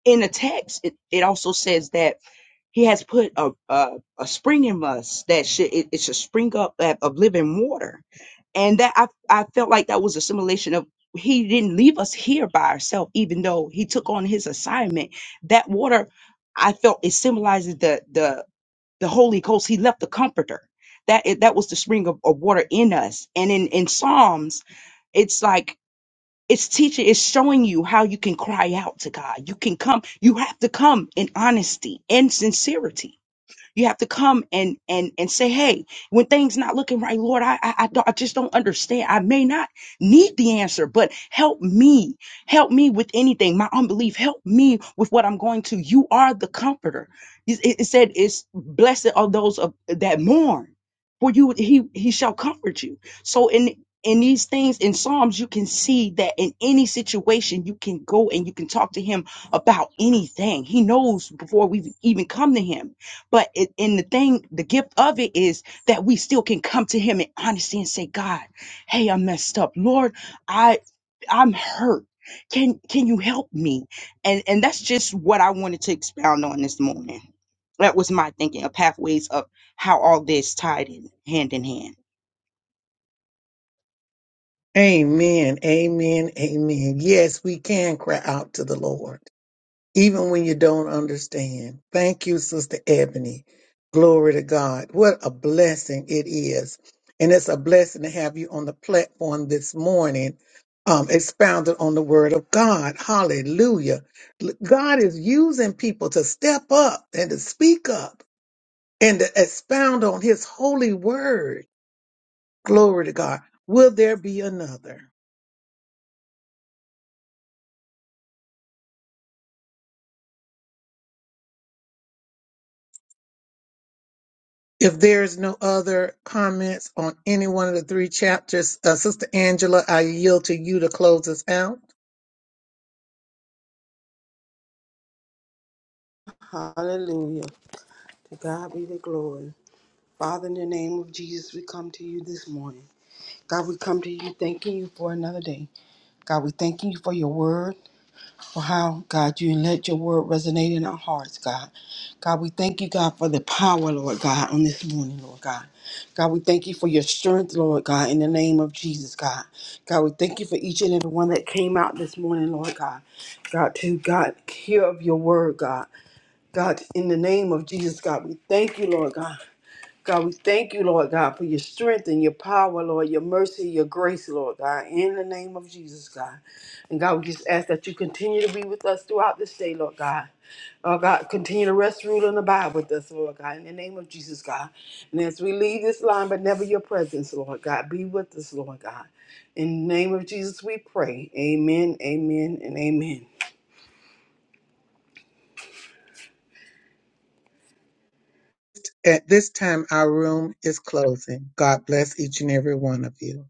Speaker 6: in the text, it, it also says that he has put a, a, a spring in us that should it, it should spring up of of living water, and that I I felt like that was a simulation of he didn't leave us here by ourselves, even though he took on his assignment. That water, I felt it symbolizes the the the Holy Ghost. He left the Comforter. That it, that was the spring of, of water in us, and in in Psalms, it's like it's teaching it's showing you how you can cry out to god you can come you have to come in honesty and sincerity you have to come and and and say, "Hey, when things not looking right, Lord, I I, I, don't- I just don't understand. I may not need the answer, but help me. Help me with anything. My unbelief. Help me with what I'm going to. You are the comforter. It, it- it said, "It's blessed are those of, that mourn, for you he he shall comfort you." So in in these things in Psalms, you can see that in any situation, you can go and you can talk to him about anything. He knows before we even come to him. But it, and the thing, the gift of it is that we still can come to Him in honesty and say, God, hey, I messed up. Lord, I I'm hurt. Can can you help me? And and that's just what I wanted to expound on this morning. That was my thinking of pathways of how all this tied in hand in hand.
Speaker 1: Amen. Amen. Amen. Yes, we can cry out to the Lord, even when you don't understand. Thank you, Sister Ebony. Glory to God. What a blessing it is. And it's a blessing to have you on the platform this morning, um, expounded on the word of God. Hallelujah. L- God is using people to step up and to speak up and to expound on his holy word. Glory to God. Will there be another? If there's no other comments on any one of the three chapters, uh, Sister Angela, I yield to you to close us out.
Speaker 4: Hallelujah. To God be the glory. Father, in the name of Jesus, we come to you this morning. God, we come to you thanking you for another day. God, we thanking you for your word, for how, God, you let your word resonate in our hearts, God. God, we thank you, God, for the power, Lord God, on this morning, Lord God. God, we thank you for your strength, Lord God, in the name of Jesus, God. God, we thank you for each and every one that came out this morning, Lord God. God, to God, hear of your word, God. God, in the name of Jesus, God, we thank you, Lord God. God, we thank you, Lord God, for your strength and your power, Lord, your mercy, your grace, Lord God, in the name of Jesus, God. And God, we just ask that you continue to be with us throughout this day, Lord God. Oh God, continue to rest, rule, and abide with us, Lord God, in the name of Jesus, God. And as we leave this line, but never your presence, Lord God, be with us, Lord God. In the name of Jesus, we pray. Amen, amen, and amen.
Speaker 1: At this time, our room is closing. God bless each and every one of you.